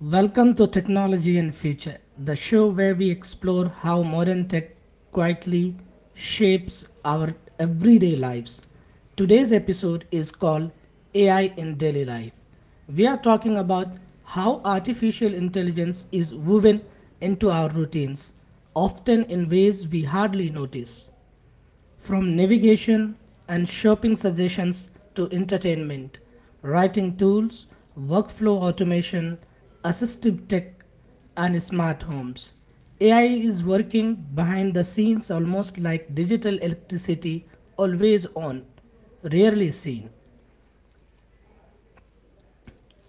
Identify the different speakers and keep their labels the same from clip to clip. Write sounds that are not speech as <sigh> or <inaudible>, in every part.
Speaker 1: Welcome to Technology and Future, the show where we explore how modern tech quietly shapes our everyday lives. Today's episode is called AI in Daily Life. We are talking about how artificial intelligence is woven into our routines, often in ways we hardly notice. From navigation and shopping suggestions to entertainment, writing tools, workflow automation, assistive tech, and smart homes, AI is working behind the scenes almost like digital electricity, always on, rarely seen.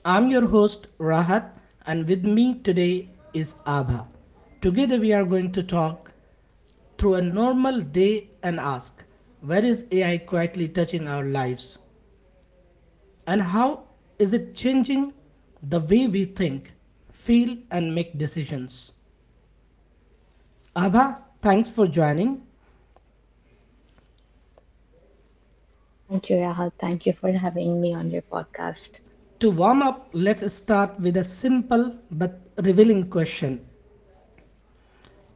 Speaker 1: I'm your host, Rahat, and with me today is Abha. Together, we are going to talk through a normal day and ask, where is AI quietly touching our lives? And how is it changing the way we think, feel, and make decisions? Abha, thanks for joining.
Speaker 2: Thank you, Rahul. Thank you for having me on your podcast.
Speaker 1: To warm up, let's start with a simple but revealing question.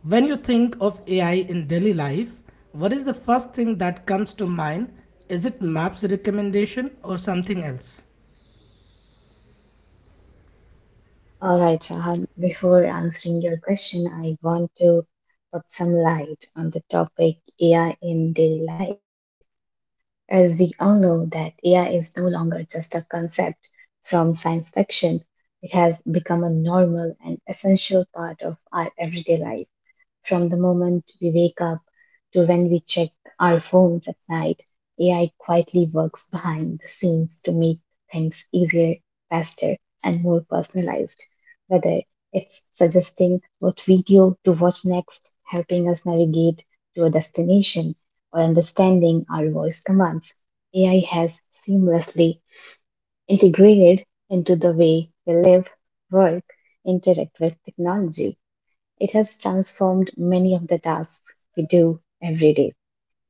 Speaker 1: When you think of AI in daily life, what is the first thing that comes to mind? Is it maps recommendation or something else?
Speaker 2: All right, Rahul, before answering your question, I want to put some light on the topic AI in daily life. As we all know that AI is no longer just a concept from science fiction, it has become a normal and essential part of our everyday life. From the moment we wake up to when we check our phones at night, AI quietly works behind the scenes to make things easier, faster, and more personalized. Whether it's suggesting what video to watch next, helping us navigate to a destination, or understanding our voice commands, AI has seamlessly integrated into the way we live, work, interact with technology. It has transformed many of the tasks we do every day.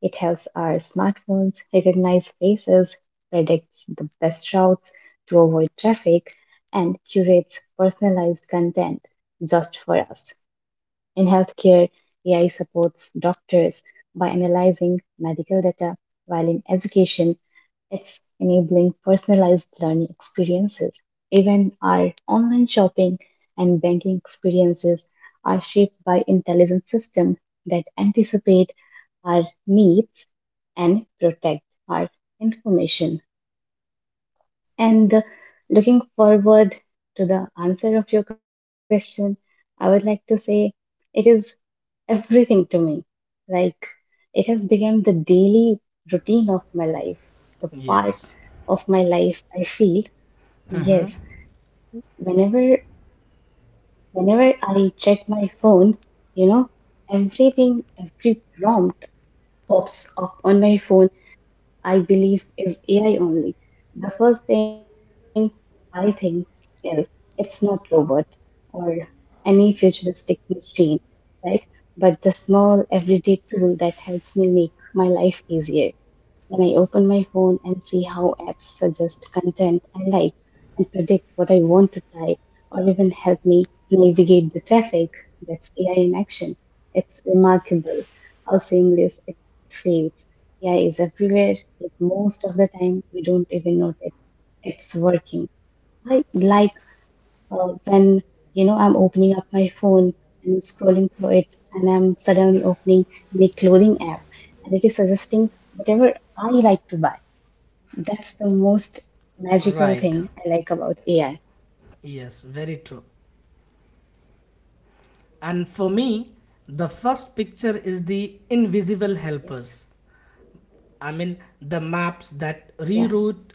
Speaker 2: It helps our smartphones recognize faces, predicts the best routes to avoid traffic, and curates personalized content just for us. In healthcare, AI supports doctors by analyzing medical data, while in education, it's enabling personalized learning experiences. Even our online shopping and banking experiences are shaped by intelligent systems that anticipate our needs and protect our information. And Looking forward to the answer of your question, I would like to say it is everything to me. Like it has become the daily routine of my life, the part
Speaker 1: Yes.
Speaker 2: of my life I feel, yes, whenever whenever I check my phone, you know, everything, every prompt pops up on my phone I believe is AI only. The first thing I think is it's not robot or any futuristic machine, right? But the small everyday tool that helps me make my life easier. When I open my phone and see how apps suggest content I like and predict what I want to type or even help me navigate the traffic, that's AI in action. It's remarkable how seamless it feels. AI is everywhere, yet most of the time we don't even notice it's working. I like when you know I'm opening up my phone and scrolling through it, and I'm suddenly opening my clothing app, and it is suggesting whatever I like to buy. That's the most magical
Speaker 1: Right.
Speaker 2: thing I like about AI.
Speaker 1: Yes, very true. And for me, the first picture is the invisible
Speaker 2: Yes,
Speaker 1: helpers. I mean, the maps that
Speaker 2: yeah,
Speaker 1: reroute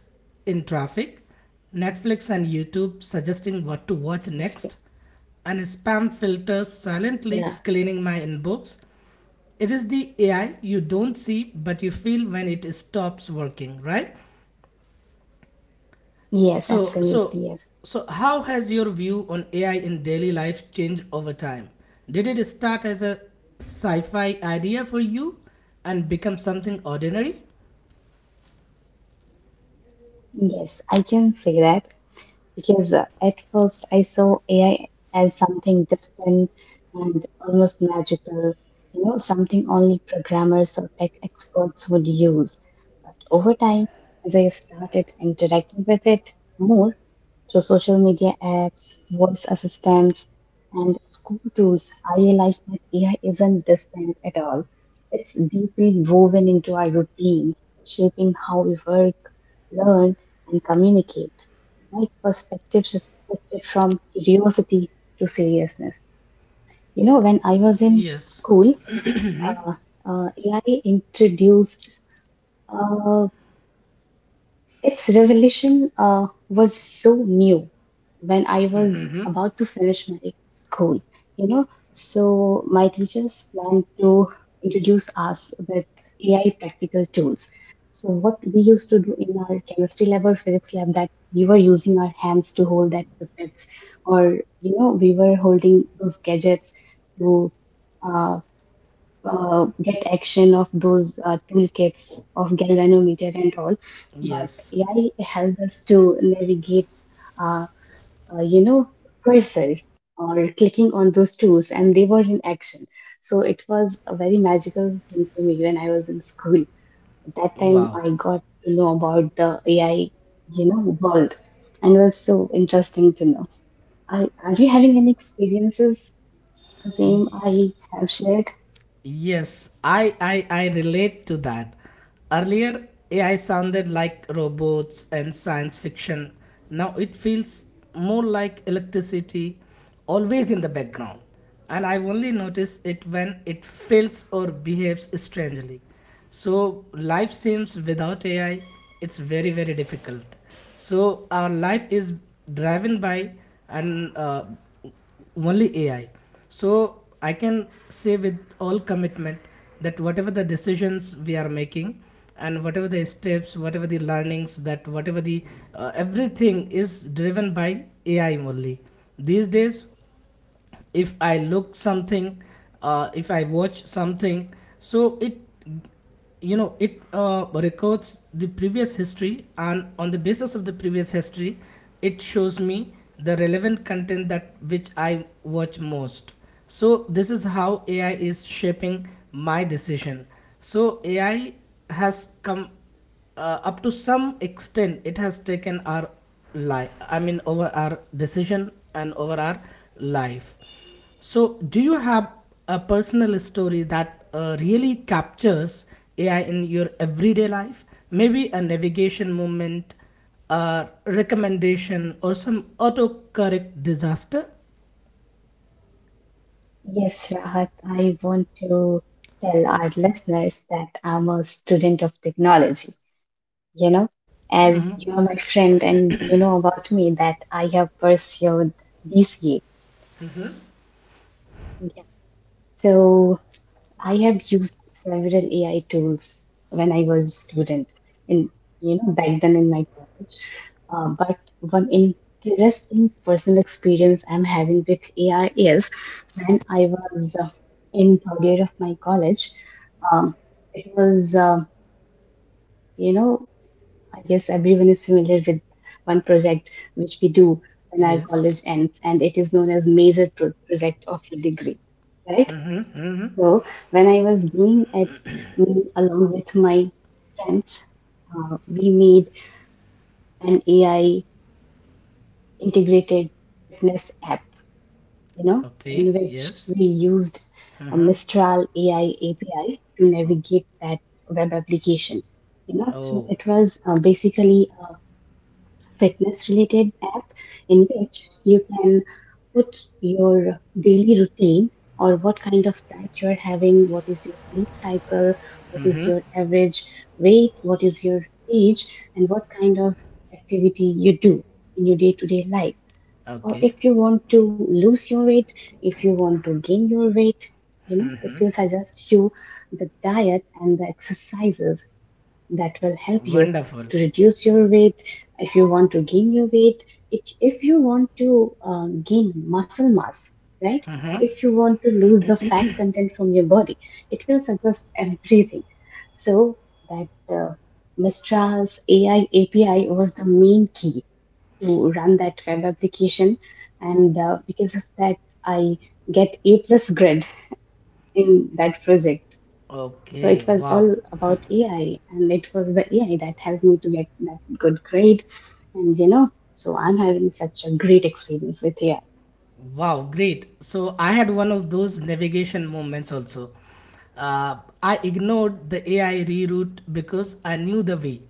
Speaker 1: in traffic, Netflix and YouTube suggesting what to watch
Speaker 2: obviously.
Speaker 1: next, and spam filters
Speaker 2: Yeah,
Speaker 1: silently cleaning my inbox. It is the AI you don't see but you feel when it stops working, right?
Speaker 2: yes,
Speaker 1: So,
Speaker 2: absolutely,
Speaker 1: so,
Speaker 2: yes,
Speaker 1: so how has your view on AI in daily life changed over time? Did it start as a sci-fi idea for you and become something ordinary?
Speaker 2: yes. I can say that because at first I saw AI as something distant and almost magical, you know, something only programmers or tech experts would use. But over time, as I started interacting with it more, through social media apps, voice assistants, and school tools, I realized that AI isn't distant at all. It's deeply woven into our routines, shaping how we work, learn, and communicate. My perspective shifted from curiosity to seriousness. You know, when I was in
Speaker 1: Yes.
Speaker 2: school, AI introduced, uh, its revelation was so new when I was about to finish my school, you know. So my teachers planned to introduce us with AI practical tools. So what we used to do in our chemistry lab or physics lab that we were using our hands to hold that pipettes, or you know, we were holding those gadgets to uh, get action of those toolkits of galvanometer and all. But
Speaker 1: Yes.
Speaker 2: AI helped us to navigate, uh, you know, cursor or clicking on those tools, and they were in action. So it was a very magical thing to me when I was in school. At that time,
Speaker 1: Wow.
Speaker 2: I got to know about the AI, you know, world, and it was so interesting to know. I, are you having any experiences the same I have shared?
Speaker 1: Yes, I relate to that. Earlier, AI sounded like robots and science fiction. Now it feels more like electricity, always in the background. And I only notice it when it fails or behaves strangely. So life seems without AI, it's very very difficult. So our life is driven by and only AI. So I can say with all commitment that whatever the decisions we are making and whatever the steps, whatever the learnings, that whatever the everything is driven by AI only. These days, if i look something if I watch something, so it you know it records the previous history, and on the basis of the previous history, it shows me the relevant content that which I watch most. So this is how AI is shaping my decision. So AI has come up to some extent, it has taken our life, I mean over our decision and over our life. So do you have a personal story that really captures AI in your everyday life, maybe a navigation moment, a recommendation, or some autocorrect disaster?
Speaker 2: Yes, Rahat, I want to tell our listeners that I'm a student of technology. You know, as you're my friend and you know about me that I have pursued BCA. Yeah. So I have used several AI tools when I was student in, you know, back then in my college. But one interesting personal experience I'm having with AI is when I was in third year of my college. Um, it was you know I guess everyone is familiar with one project which we do when our
Speaker 1: Yes.
Speaker 2: college ends, and it is known as major project of your degree, right? So when I was doing at me along with my friends, we made an AI integrated fitness app, you know,
Speaker 1: Okay.
Speaker 2: in which
Speaker 1: Yes.
Speaker 2: we used a
Speaker 1: Uh-huh.
Speaker 2: Mistral AI API to
Speaker 1: Oh.
Speaker 2: navigate that web application. You know, so
Speaker 1: Oh,
Speaker 2: it was basically fitness related app in which you can put your daily routine or what kind of diet you're having, what is your sleep cycle, what is your average weight, what is your age, and what kind of activity you do in your day to day life. Or
Speaker 1: okay.
Speaker 2: if you want to lose your weight, if you want to gain your weight, you know, it will suggest you the diet and the exercises that will help you
Speaker 1: Wonderful.
Speaker 2: to reduce your weight, if you want to gain your weight, it, if you want to gain muscle mass, right, or if you want to lose the fat content from your body, it will suggest <laughs> everything. So that uh, Mistral's AI API was the main key to run that web application, and because of that I get a plus grade <laughs> in that project. So it was
Speaker 1: Okay.
Speaker 2: all
Speaker 1: Wow.
Speaker 2: about AI, and it was the AI that helped me to get that good grade. And you know, so I'm having such a great experience with AI.
Speaker 1: Wow, great. So I had one of those navigation moments also. I ignored the AI reroute because I knew the way.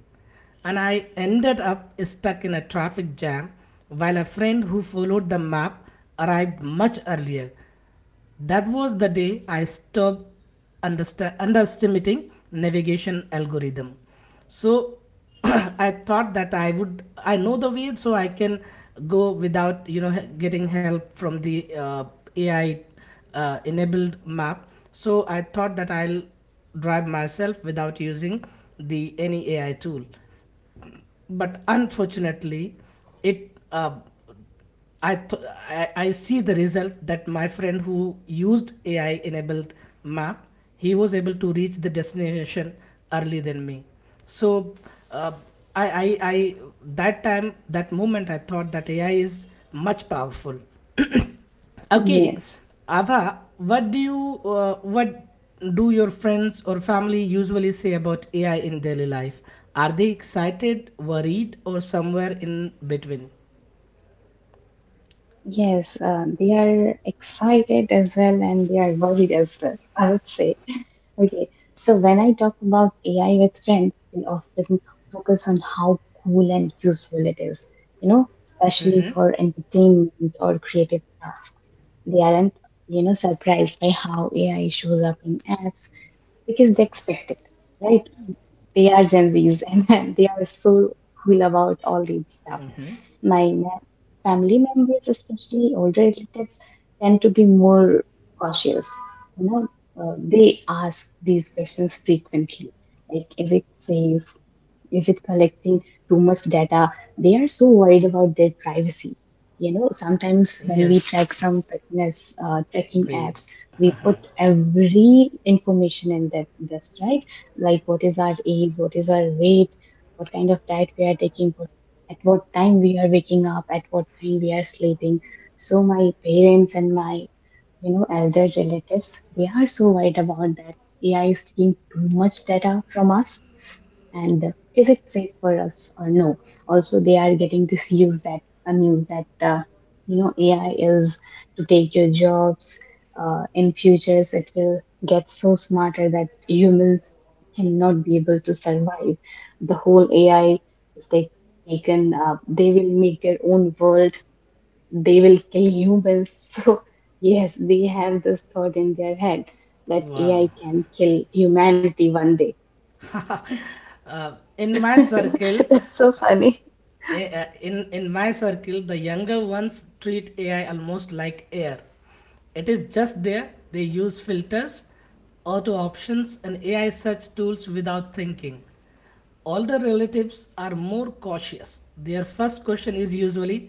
Speaker 1: And I ended up stuck in a traffic jam while a friend who followed the map arrived much earlier. That was the day I stopped underestimating navigation algorithm. So <clears throat> I thought that I know the way, so I can go without getting help from the AI enabled map. So I thought that I'll drive myself without using the any AI tool, but unfortunately, it I, th- I see the result that my friend who used AI enabled map he was able to reach the destination early than me. So uh, I that time that moment I thought that AI is much powerful. <coughs> <clears throat> Okay,
Speaker 2: Yes.
Speaker 1: Ava, what do your friends or family usually say about AI in daily life? Are they excited, worried, or somewhere in between?
Speaker 2: Yes, they are excited as well and they are worried as well, <laughs> I would say. Okay, so when I talk about AI with friends, they often focus on how cool and useful it is, you know, especially for entertainment or creative tasks. They aren't, you know, surprised by how AI shows up in apps because they expect it, right? They are Gen Zs <laughs> and they are so cool about all these stuff.
Speaker 1: Hmm?
Speaker 2: My ma- family members, especially older relatives, tend to be more cautious. You know, they ask these questions frequently, like, is it safe? Is it collecting too much data? They are so worried about their privacy. You know, sometimes when we
Speaker 1: Yes.
Speaker 2: track some fitness tracking
Speaker 1: Great.
Speaker 2: apps, we put every information in that, that's right, like what is our age, what is our weight, what kind of diet we are taking, what, at what time we are waking up, at what time we are sleeping, so my parents and my, you know, elder relatives, they are so worried about that. AI is taking too much data from us, and is it safe for us or no? Also they are getting this use that news that you know AI is to take your jobs, in futures it will get so smarter that humans cannot be able to survive, the whole AI is taken up, they will make their own world, they will kill humans <laughs> so yes they have this thought in their head that AI
Speaker 1: Wow.
Speaker 2: can kill humanity one day.
Speaker 1: Uh, in my circle,
Speaker 2: <laughs> That's so funny.
Speaker 1: in my circle, the younger ones treat AI almost like air. It is just there. They use filters, auto options, and AI search tools without thinking. Older relatives are more cautious. Their first question is usually,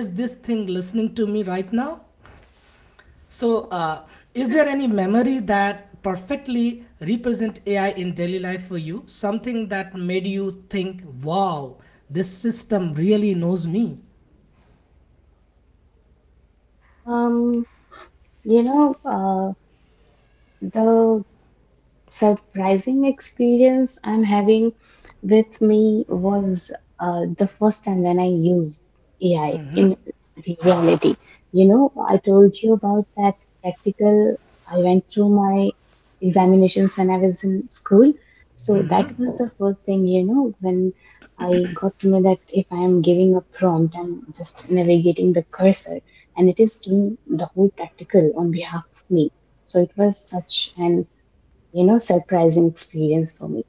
Speaker 1: "Is this thing listening to me right now?" So, is there any memory that perfectly represent AI in daily life for you? Something that made you think, "Wow, this system really knows me."
Speaker 2: Um, you know, the surprising experience I'm having with me was the first time when I used AI in reality. You know, I told you about that practical. I went through my examinations when I was in school. So that was the first thing, you know, when I got to know that if I am giving a prompt, I'm just navigating the cursor and it is doing the whole practical on behalf of me. So it was such an you know surprising experience for me.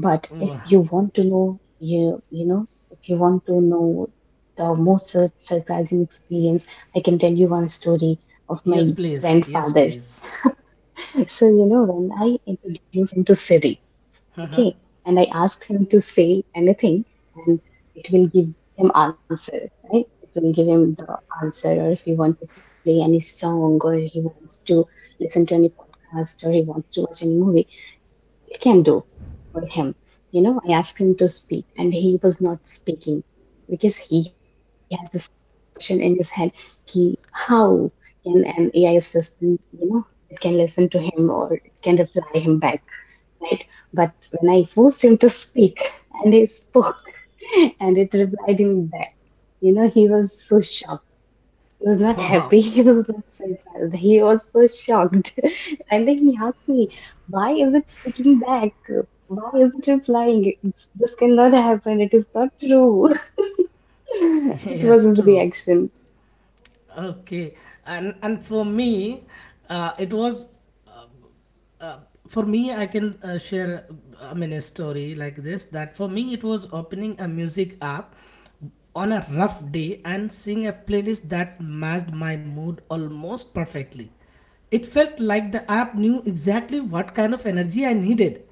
Speaker 2: But if
Speaker 1: Oh,
Speaker 2: you want to know, you know if you want to know the most surprising experience, I can tell you one story of my
Speaker 1: yes, please. Yes,
Speaker 2: grandfather.
Speaker 1: please.
Speaker 2: <laughs> So you know when I introduced him to Siri,
Speaker 1: Uh-huh.
Speaker 2: okay, and I asked him to say anything and it will give him answer, right, it will give him the answer, or if he wants to play any song or he wants to listen to any podcast or he wants to watch any movie it can do for him. You know, I asked him to speak and he was not speaking because he has this question in his head ki, how can an AI assistant, you know, it can listen to him or it can reply him back, right? But when I forced him to speak <laughs> and he spoke <laughs> and it replied him back, you know, he was so shocked, he was not
Speaker 1: Wow.
Speaker 2: happy. <laughs> He was not surprised. He was so shocked. <laughs> And then he asked me, why is it sticking back? Why is it replying? This cannot happen. It is not true.
Speaker 1: <laughs>
Speaker 2: <laughs> It
Speaker 1: Yes,
Speaker 2: was his
Speaker 1: true.
Speaker 2: reaction.
Speaker 1: Okay. And for me, it was for me I can share I mean a story like this that for me it was opening a music app on a rough day and seeing a playlist that matched my mood almost perfectly. It felt like the app knew exactly what kind of energy I needed,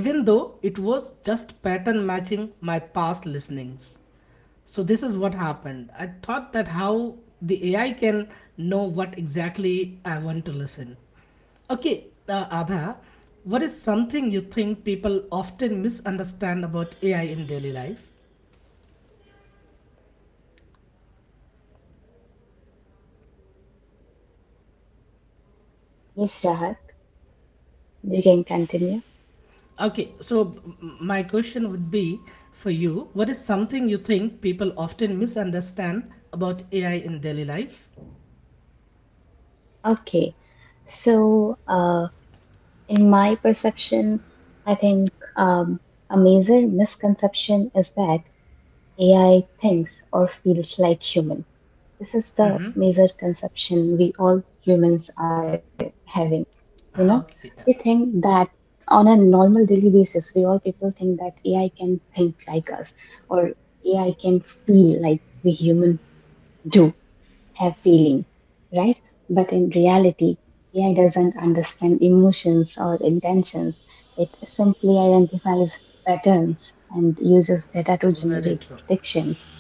Speaker 1: even though it was just pattern matching my past listenings. So this is what happened. I thought that how the AI can know what exactly I want to listen. Okay, Abha, what is something you think people often misunderstand about AI in daily life?
Speaker 2: Yes, Rahat, you can continue.
Speaker 1: Okay, so my question would be for you, what is something you think people often misunderstand about AI in daily life?
Speaker 2: Okay. So, in my perception, I think um, a major misconception is that AI thinks or feels like humans. This is the major conception we all humans are having. You know, we
Speaker 1: Okay,
Speaker 2: think that on a normal daily basis, we all people think that AI can think like us or AI can feel like we human do have feeling, right? But in reality, AI doesn't understand emotions or intentions. It simply identifies patterns and uses data to
Speaker 1: very
Speaker 2: generate
Speaker 1: true.
Speaker 2: predictions.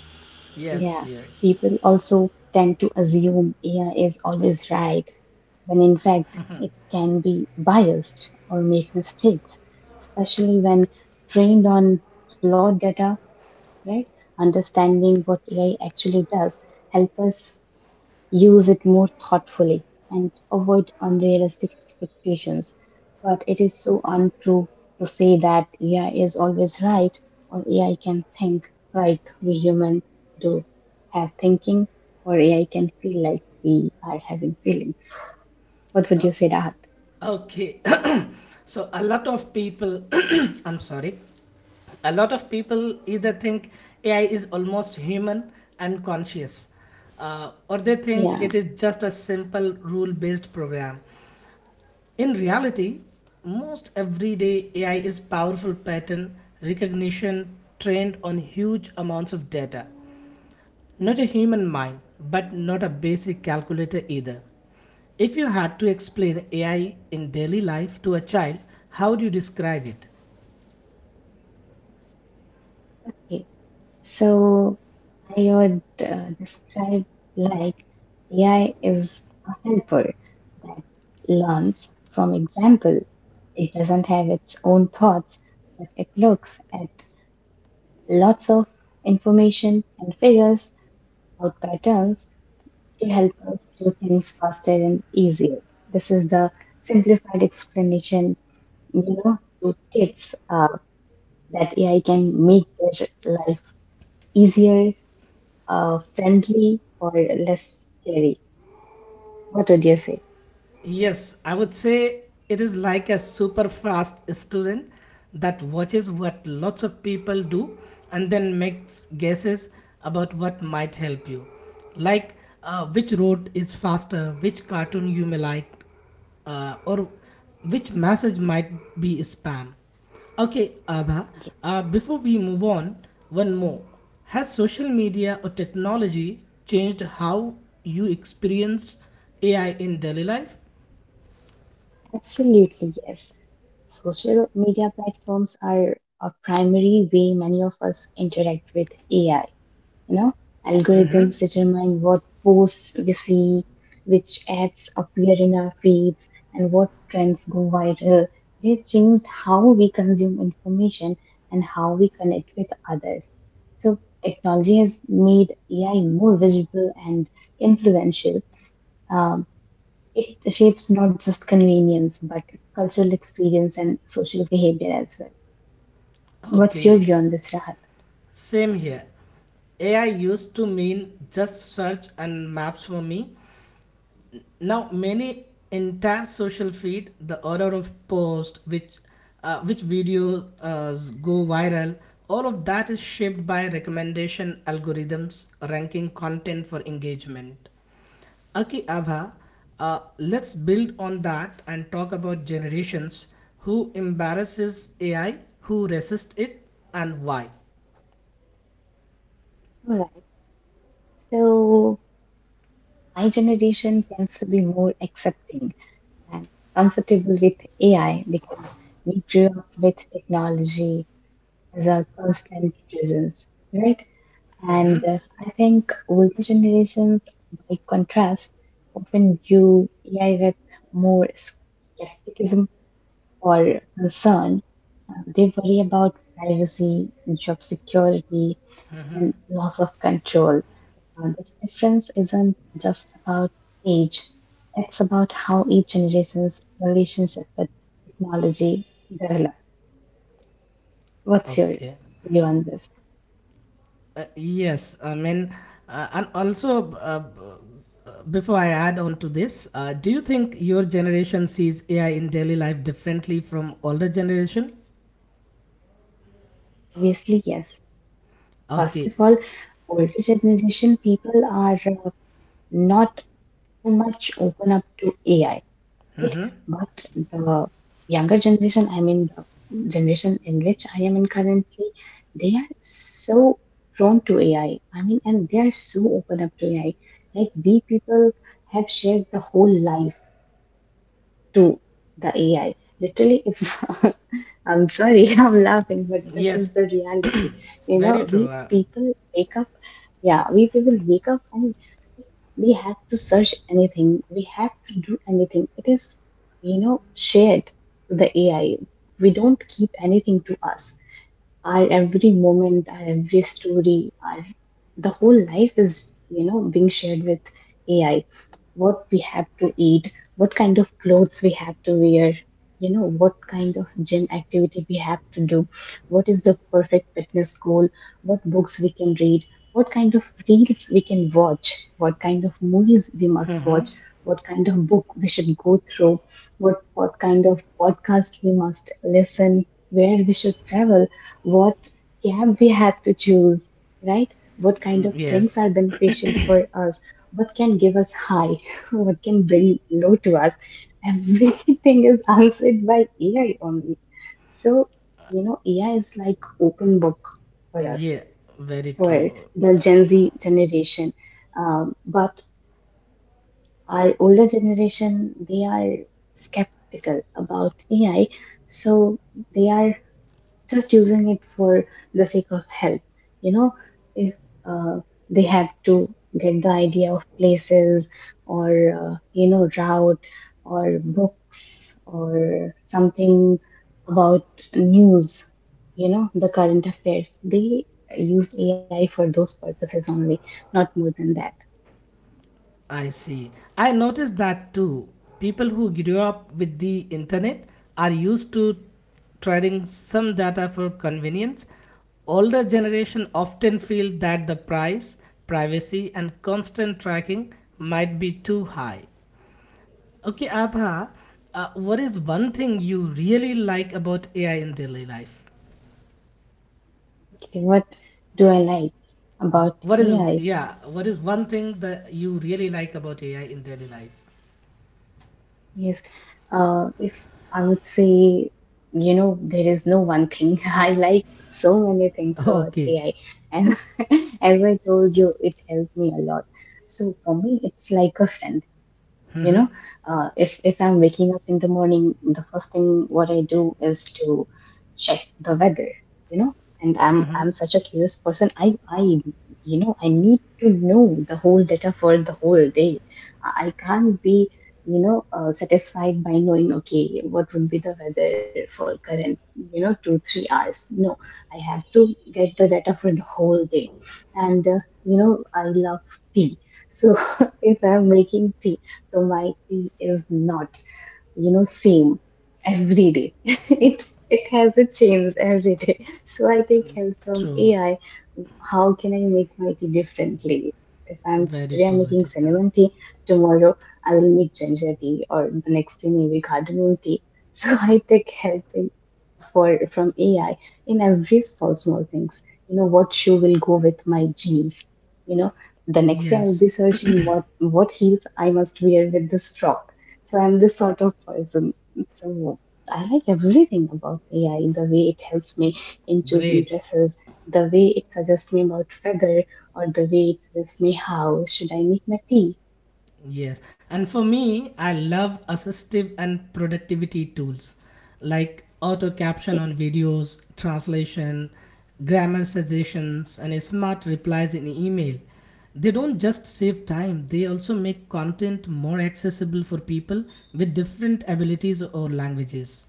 Speaker 1: Yes,
Speaker 2: Yeah,
Speaker 1: yes.
Speaker 2: people also tend to assume AI is always right, when in fact it can be biased or make mistakes, especially when trained on flawed data, right? Understanding what AI actually does help us use it more thoughtfully and avoid unrealistic expectations. But it is so untrue to say that AI is always right or AI can think like we humans do have thinking or AI can feel like we are having feelings. What would you say, Rahat?
Speaker 1: Okay, <coughs> <clears throat> so a lot of people, <coughs> <clears throat> I'm sorry, a lot of people either think AI is almost human and conscious, or they think it
Speaker 2: Yeah.
Speaker 1: is just a simple rule based program. In reality, most everyday AI is powerful pattern recognition trained on huge amounts of data. Not a human mind, but not a basic calculator either. If you had to explain AI in daily life to a child, how do you describe it?
Speaker 2: Okay. So I would describe like AI is a helper that learns from example. It doesn't have its own thoughts, but it looks at lots of information and figures out patterns to help us do things faster and easier. This is the simplified explanation, you know, to kids that AI can make their life easier, friendly or less scary. What would you say?
Speaker 1: Yes, I would say it is like a super fast student that watches what lots of people do and then makes guesses about what might help you. Like which road is faster, which cartoon you may like, or which message might be spam. Okay, Abha,
Speaker 2: Yeah,
Speaker 1: before we move on, one more. Has social media or technology changed how you experience AI in daily life?
Speaker 2: absolutely, yes. Social media platforms are a primary way many of us interact with AI. You know, algorithms determine what posts we see, which ads appear in our feeds, and what trends go viral. They've changed how we consume information and how we connect with others. So technology has made AI more visible and influential. um, it shapes not just convenience but cultural experience and social behavior as well. What's your
Speaker 1: Okay,
Speaker 2: view on this, Rahat?
Speaker 1: same here. AI used to mean just search and maps for me. Now many entire social feed, the order of post, which videos go viral, all of that is shaped by recommendation algorithms ranking content for engagement. Okay, Abha, let's build on that and talk about generations who embarrasses AI, who resist it, and why.
Speaker 2: All right. So my generation tends to be more accepting and comfortable with AI because we grew up with technology as a constant presence, right? And I think older generations, by contrast, often view AI with more skepticism or concern. They worry about privacy, job security, and loss of control. This difference isn't just about age, it's about how each generation's relationship with technology develop. What's your
Speaker 1: Okay.
Speaker 2: view on this?
Speaker 1: Yes, I mean, and also, before I add on to this, do you think your generation sees AI in daily life differently from older generation?
Speaker 2: Obviously, yes. First of
Speaker 1: Okay,
Speaker 2: all, older generation people are not too much open up to AI, right? But the younger generation, I mean, the generation in which I am in currently, they are so prone to AI. I mean, and they are so open up to AI. Like, we people have shared the whole life to the AI. Literally, if <laughs> I'm sorry, <laughs> I'm laughing, but this
Speaker 1: yes,
Speaker 2: is the
Speaker 1: <coughs>
Speaker 2: reality.
Speaker 1: <clears throat>
Speaker 2: You
Speaker 1: very
Speaker 2: know,
Speaker 1: true.
Speaker 2: we people wake up, yeah, we people wake up and we have to search anything, we have to do anything. It is, you know, shared to the AI. We don't keep anything to us. Our every moment, our every story, our the whole life is, you know, being shared with AI. What we have to eat, what kind of clothes we have to wear, you know, what kind of gym activity we have to do, what is the perfect fitness goal, what books we can read, what kind of reels we can watch, what kind of movies we must watch, what kind of book we should go through, what kind of podcast we must listen, where we should travel, what cab we have to choose, right? What kind of
Speaker 1: Mm,
Speaker 2: drinks are
Speaker 1: yes,
Speaker 2: beneficial for us? What can give us high, <laughs> what can bring low to us. Everything is answered by AI only. So, you know, AI is like open book for us,
Speaker 1: yeah, very
Speaker 2: for
Speaker 1: true.
Speaker 2: the Gen Z generation. But our older generation, they are skeptical about AI. So they are just using it for the sake of help. You know, if uh, they have to get the idea of places or, you know, route or books or something about news, you know, the current affairs, they use AI for those purposes only, not more than that.
Speaker 1: I see. I noticed that too. People who grew up with the internet are used to trading some data for convenience. Older generation often feel that the price, privacy, and constant tracking might be too high. Okay, Abha, what is one thing you really like about AI in daily life?
Speaker 2: Okay, what do I like about
Speaker 1: What is
Speaker 2: AI?
Speaker 1: yeah? What is one thing that you really like about AI in daily life?
Speaker 2: Yes. If I would say, you know, there is no one thing. <laughs> I like so many things about
Speaker 1: Okay,
Speaker 2: AI. And <laughs> as I told you, it helped me a lot. So for me, it's like a friend, you know. If I'm waking up in the morning, the first thing what I do is to check the weather, you know. And I'm such a curious person. I, you know, I need to know the whole data for the whole day. I can't be, you know, satisfied by knowing okay what would be the weather for current, you know, 2 3 hours. No, I have to get the data for the whole day. And you know, I love tea. So <laughs> if I'm making tea, so my tea is not, you know, same every day. <laughs> It has a change every day. So I take help from
Speaker 1: true.
Speaker 2: AI. How can I make my tea differently? If I'm
Speaker 1: Very
Speaker 2: today I'm making
Speaker 1: positive one.
Speaker 2: cinnamon tea, tomorrow I will make ginger tea, or the next day maybe cardamom tea. <laughs> So I take help for from AI in every small things. You know what shoe will go with my jeans. You know, the next day I will be
Speaker 1: Yes. <coughs>
Speaker 2: searching what
Speaker 1: <clears throat>
Speaker 2: what heels I must wear with this frock. So I'm this sort of person. So I like everything about AI, the way it helps me in choosing
Speaker 1: Great.
Speaker 2: dresses, the way it suggests me about weather, or the way it suggests me how should I make my tea.
Speaker 1: Yes. And for me, I love assistive and productivity tools like auto caption
Speaker 2: Okay.
Speaker 1: on videos, translation, grammar suggestions, and smart replies in email. They don't just save time, they also make content more accessible for people with different abilities or languages.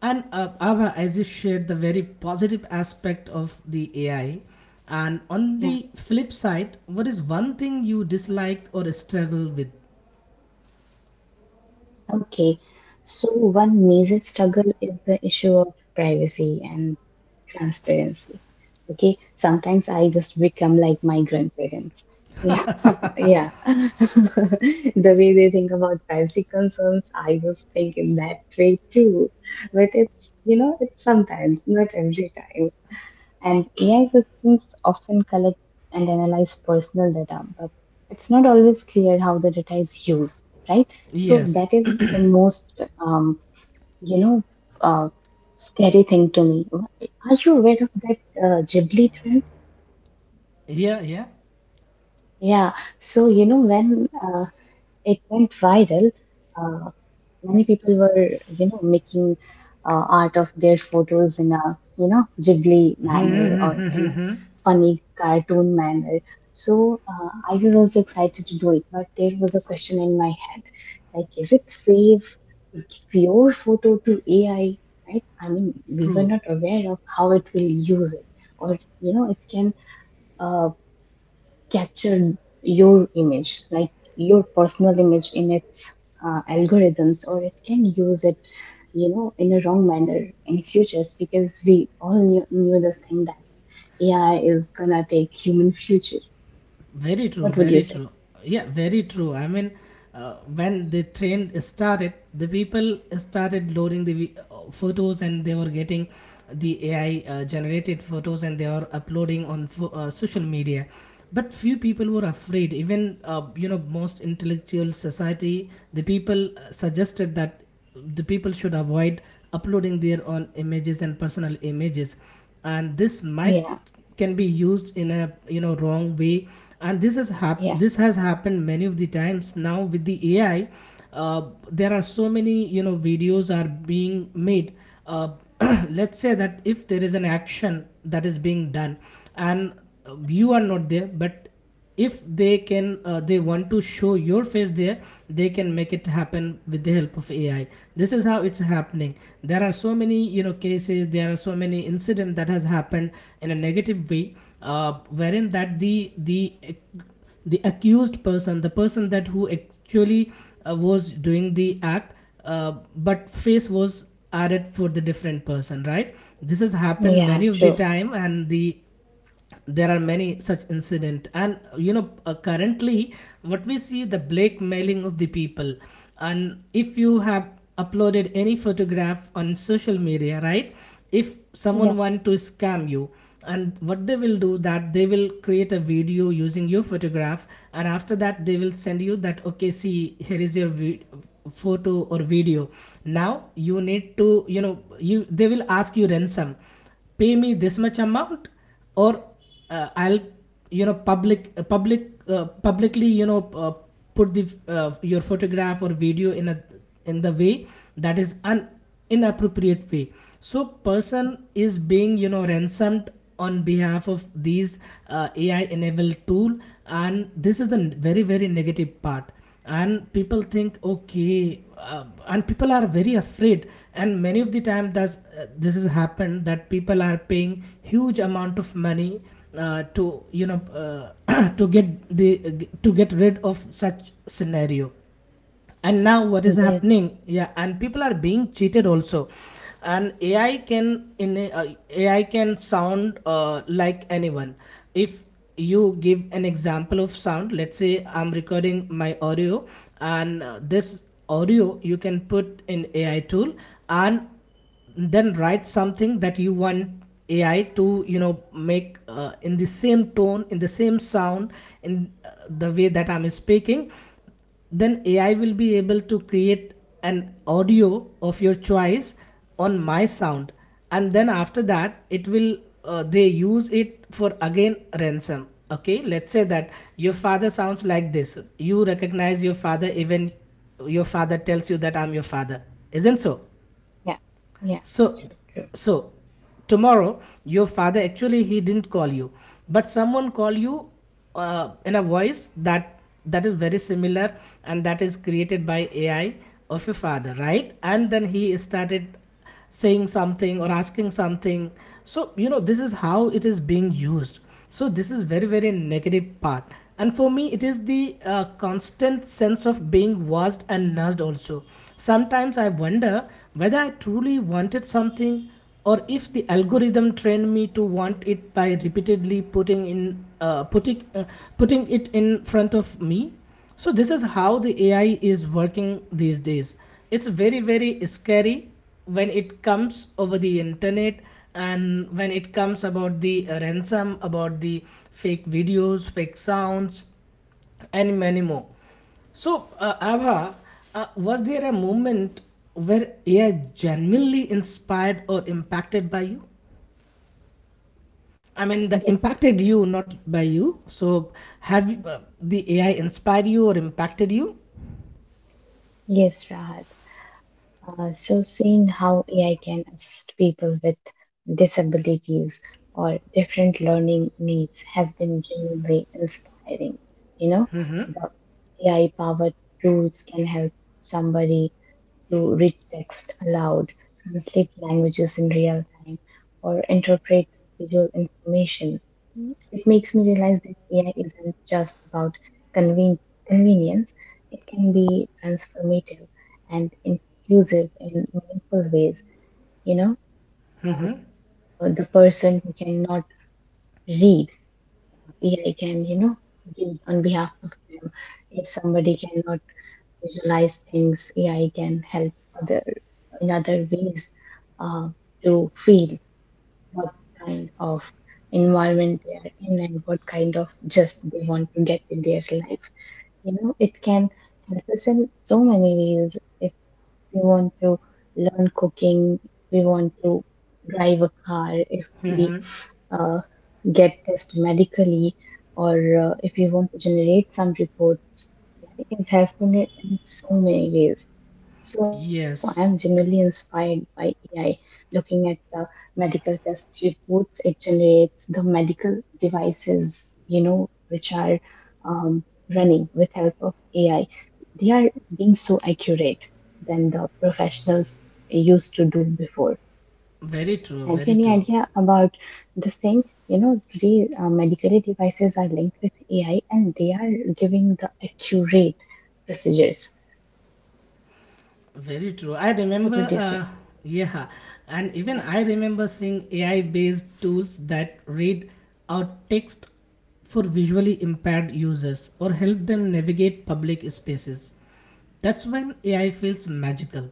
Speaker 1: And Abha, as you shared the very positive aspect of the AI, and on
Speaker 2: Yeah.
Speaker 1: the flip side, what is one thing you dislike or struggle with?
Speaker 2: Okay. So one major struggle is the issue of privacy and transparency. Okay. Sometimes I just become like my grandparents. Yeah, <laughs> yeah. <laughs> The way they think about privacy concerns, I just think in that way too. But it's, you know, it's sometimes, not every time. And AI systems often collect and analyze personal data, but it's not always clear how the data is used, right? So
Speaker 1: Yes,
Speaker 2: that is the most, you know, uh, scary thing to me. Are you aware of that Ghibli trend?
Speaker 1: yeah, yeah,
Speaker 2: Yeah. So you know when it went viral. Uh, Many people were, you know, making art of their photos in a, you know, Ghibli manner or in a funny cartoon manner. So I was also excited to do it, but there was a question in my head, like, is it safe to give your photo to AI? Right? I mean, we were
Speaker 1: true.
Speaker 2: not aware of how it will use it, or you know, it can. uh, Captured your image, like your personal image in its algorithms, or it can use it, you know, in a wrong manner in futures, because we all knew, knew this thing that AI is gonna take human future.
Speaker 1: Very true,
Speaker 2: What would
Speaker 1: very
Speaker 2: you say?
Speaker 1: true. Yeah, very true. I mean, when the trend started, the people started loading the photos and they were getting the AI generated photos and they were uploading on social media. But few people were afraid. Even most intellectual society, the people suggested that the people should avoid uploading their own images and personal images, and this might
Speaker 2: Yeah,
Speaker 1: can be used in a wrong way. And this
Speaker 2: yeah,
Speaker 1: this has happened many of the times now with the AI. uh, there are so many videos are being made. uh, <clears throat> let's say that if there is an action that is being done, and you are not there, but if they want to show your face there, they can make it happen with the help of AI. This is how it's happening. There are so many cases, there are so many incident that has happened in a negative way. uh, Wherein that the the accused person, the person that who actually was doing the act, but face was added for the different person, right? This has happened many
Speaker 2: yeah,
Speaker 1: of the
Speaker 2: true.
Speaker 1: time. And the there are many such incident. And currently what we see the blackmailing of the people. And if you have uploaded any photograph on social media, right, if someone
Speaker 2: Yeah,
Speaker 1: want to scam you, and what they will do that they will create a video using your photograph. And after that, they will send you that, okay, see, here is your photo or video. Now you need to you know you they will ask you ransom, pay me this much amount. Or I'll publicly put the your photograph or video in a in the way that is an inappropriate way. So person is being ransomed on behalf of these AI enabled tool. And this is the very very negative part. And people think, okay, and people are very afraid. And many of the time does this has happened that people are paying huge amount of money to you know <coughs> <clears throat> to get rid of such scenario. And now what is happening,
Speaker 2: yes,
Speaker 1: yeah, and people are being cheated also. And AI can sound like anyone. If you give an example of sound, let's say I'm recording my audio, and this audio you can put in AI tool, and then write something that you want AI to make in the same tone, in the same sound, in the way that I'm speaking. Then AI will be able to create an audio of your choice on my sound. And then after that, it will they use it for again ransom. Okay, let's say that your father sounds like this. You recognize your father even your father tells you that I'm your father, isn't so?
Speaker 2: yeah, yeah,
Speaker 1: So,
Speaker 2: true, true.
Speaker 1: so tomorrow your father actually he didn't call you, but someone call you in a voice that that is very similar, and that is created by AI of your father, right? And then he started saying something or asking something. So you know this is how it is being used. So this is very very negative part. And for me, it is the constant sense of being watched and nudged also. Sometimes I wonder whether I truly wanted something, or if the algorithm trained me to want it by repeatedly putting it in front of me. So this is how the AI is working these days. It's very very scary when it comes over the internet, and when it comes about the ransom, about the fake videos, fake sounds, and many more. So Abha, was there a moment where AI genuinely inspired or impacted by you? I mean, the
Speaker 2: Yeah,
Speaker 1: impacted you, not by you. So, have the AI inspired you or impacted you?
Speaker 2: yes, Rahat. So, seeing how AI can assist people with disabilities or different learning needs has been genuinely inspiring. You know, the AI powered tools can help somebody to read text aloud, translate languages in real time, or interpret visual information. It makes me realize that AI isn't just about conven- convenience, it can be transformative and inclusive in meaningful ways. You know, uh, the person who cannot read, AI can, you know, read on behalf of them. If somebody cannot visualize things, AI can help other. In other ways, uh, to feel what kind of environment they are in and what kind of just they want to get in their life. You know, it can help us in so many ways. If we want to learn cooking, if we want to drive a car, if we uh, get tested medically, or if you want to generate some reports. AI is helpful in so many ways. So I am
Speaker 1: Yes.
Speaker 2: genuinely inspired by AI. Looking at the medical test reports it generates, the medical devices, you know, which are um, running with help of AI, they are being so accurate than the professionals used to do before.
Speaker 1: Very true,
Speaker 2: Have you
Speaker 1: very
Speaker 2: any
Speaker 1: true,
Speaker 2: idea about this thing? You know, today medical devices are linked with AI and they are giving the accurate procedures.
Speaker 1: very true. I
Speaker 2: What
Speaker 1: remember,
Speaker 2: would you say?
Speaker 1: yeah, and even
Speaker 2: Yeah.
Speaker 1: I remember seeing AI based tools that read out text for visually impaired users or help them navigate public spaces. That's when AI feels magical.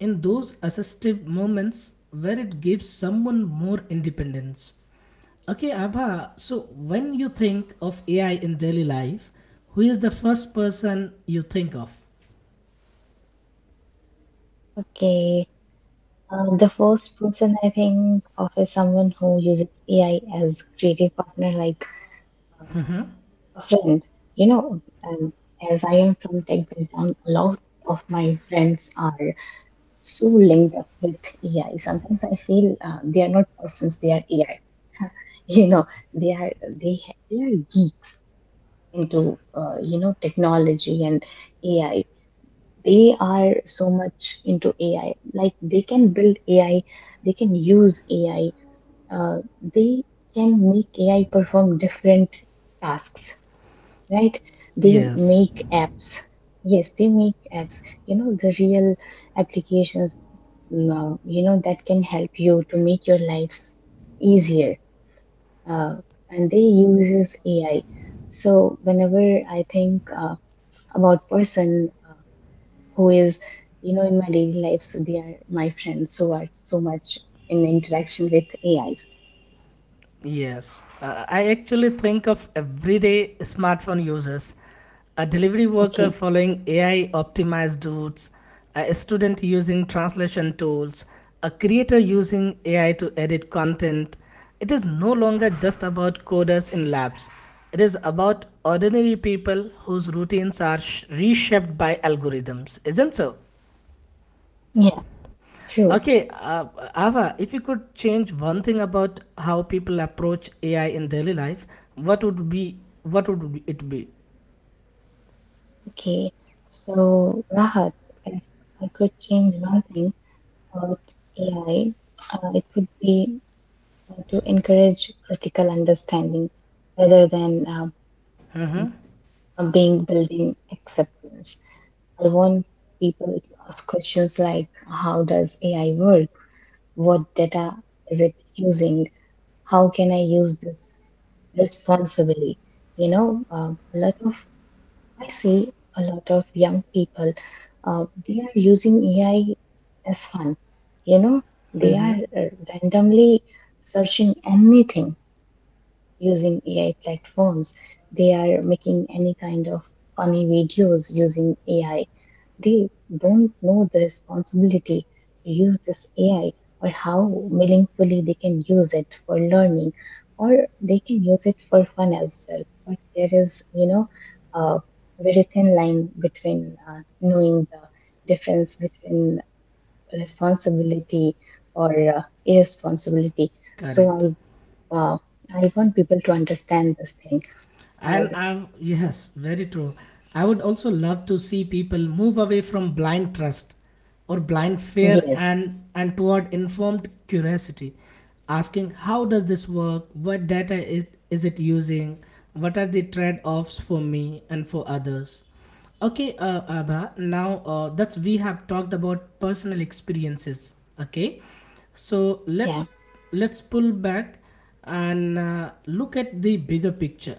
Speaker 1: In those assistive moments where it gives someone more independence. Okay, Abha, so when you think of AI in daily life, who is the first person you think of?
Speaker 2: Okay. The first person I think of is someone who uses AI as creative partner, like um, a friend. You know, um, as I am from tech background, a lot of my friends are. So linked up with AI. Sometimes I feel they are not persons; they are AI. <laughs> You know, they are they are geeks into, you know, technology and AI. They are so much into AI. Like they can build AI, they can use AI. Uh, they can make AI perform different tasks, right? They
Speaker 1: Yes,
Speaker 2: make apps. Yes, they make apps, you know, the real applications. No, you know, that can help you to make your lives easier. uh, and they uses ai so whenever I think about person, who is, you know, in my daily life, so they are my friends, so are so much in interaction with ais.
Speaker 1: yes. I actually think of everyday smartphone users, a delivery worker
Speaker 2: Okay.
Speaker 1: following AI optimized routes, a student using translation tools, a creator using AI to edit content. It is no longer just about coders in labs. It is about ordinary people whose routines are reshaped by algorithms, isn't so?
Speaker 2: Yeah. True.
Speaker 1: Okay, Ava, if you could change one thing about how people approach AI in daily life, what would be what would it be?
Speaker 2: Okay, so Rahat, if I could change one thing, uh, AI, it would be to encourage critical understanding rather than being building acceptance. I want people to ask questions like how does AI work? What data is it using? How can I use this responsibly? You know, a lot of I see a lot of young people, they are using AI as fun. You know, they are randomly searching anything using AI platforms. They are making any kind of funny videos using AI. They don't know the responsibility to use this AI, or how meaningfully they can use it for learning, or they can use it for fun as well. But there is, you know, a very thin line between knowing the difference between responsibility or irresponsibility.
Speaker 1: Correct.
Speaker 2: So I, uh, I want people to understand this thing. Or,
Speaker 1: And I yes, very true. I would also love to see people move away from blind trust or blind fear
Speaker 2: yes,
Speaker 1: and toward informed curiosity, asking how does this work? What data is it using? What are the trade-offs for me and for others? Okay, Abha. Now that's we have talked about personal experiences. Okay, so
Speaker 2: yeah,
Speaker 1: let's pull back and look at the bigger picture.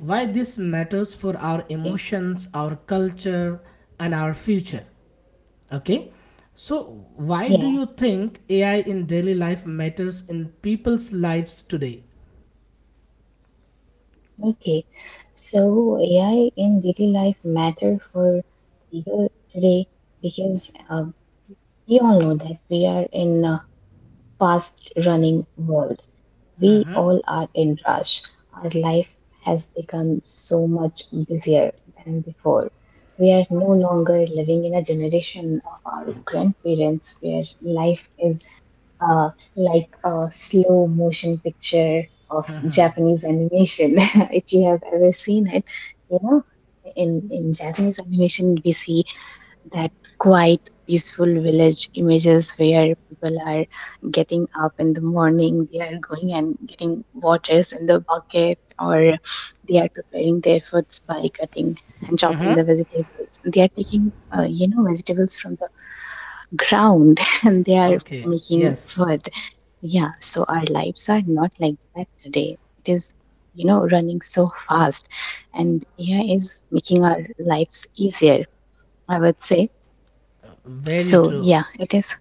Speaker 1: Why this matters for our
Speaker 2: okay,
Speaker 1: emotions, our culture, and our future. Okay, so why do
Speaker 2: yeah.
Speaker 1: you think AI in daily life matters in people's lives today?
Speaker 2: Okay, so AI in daily life matter for people today, because we all know that we are in a fast running world. We
Speaker 1: Uh-huh.
Speaker 2: all are in rush. Our life has become so much busier than before. We are no longer living in a generation of our grandparents where life is uh, like a slow motion picture of Japanese animation. <laughs> If you have ever seen it, you know, in Japanese animation, we see that quiet, peaceful village images where people are getting up in the morning, they are going and getting waters in the bucket, or they are preparing their foods by cutting and chopping
Speaker 1: Uh-huh.
Speaker 2: the vegetables. They are taking, you know, vegetables from the ground <laughs> and they are
Speaker 1: Okay.
Speaker 2: making
Speaker 1: Yes.
Speaker 2: wood. Yeah, so our lives are not like that today. It is, you know, running so fast, and AI is making our lives easier, I would say.
Speaker 1: Very
Speaker 2: So,
Speaker 1: true.
Speaker 2: yeah,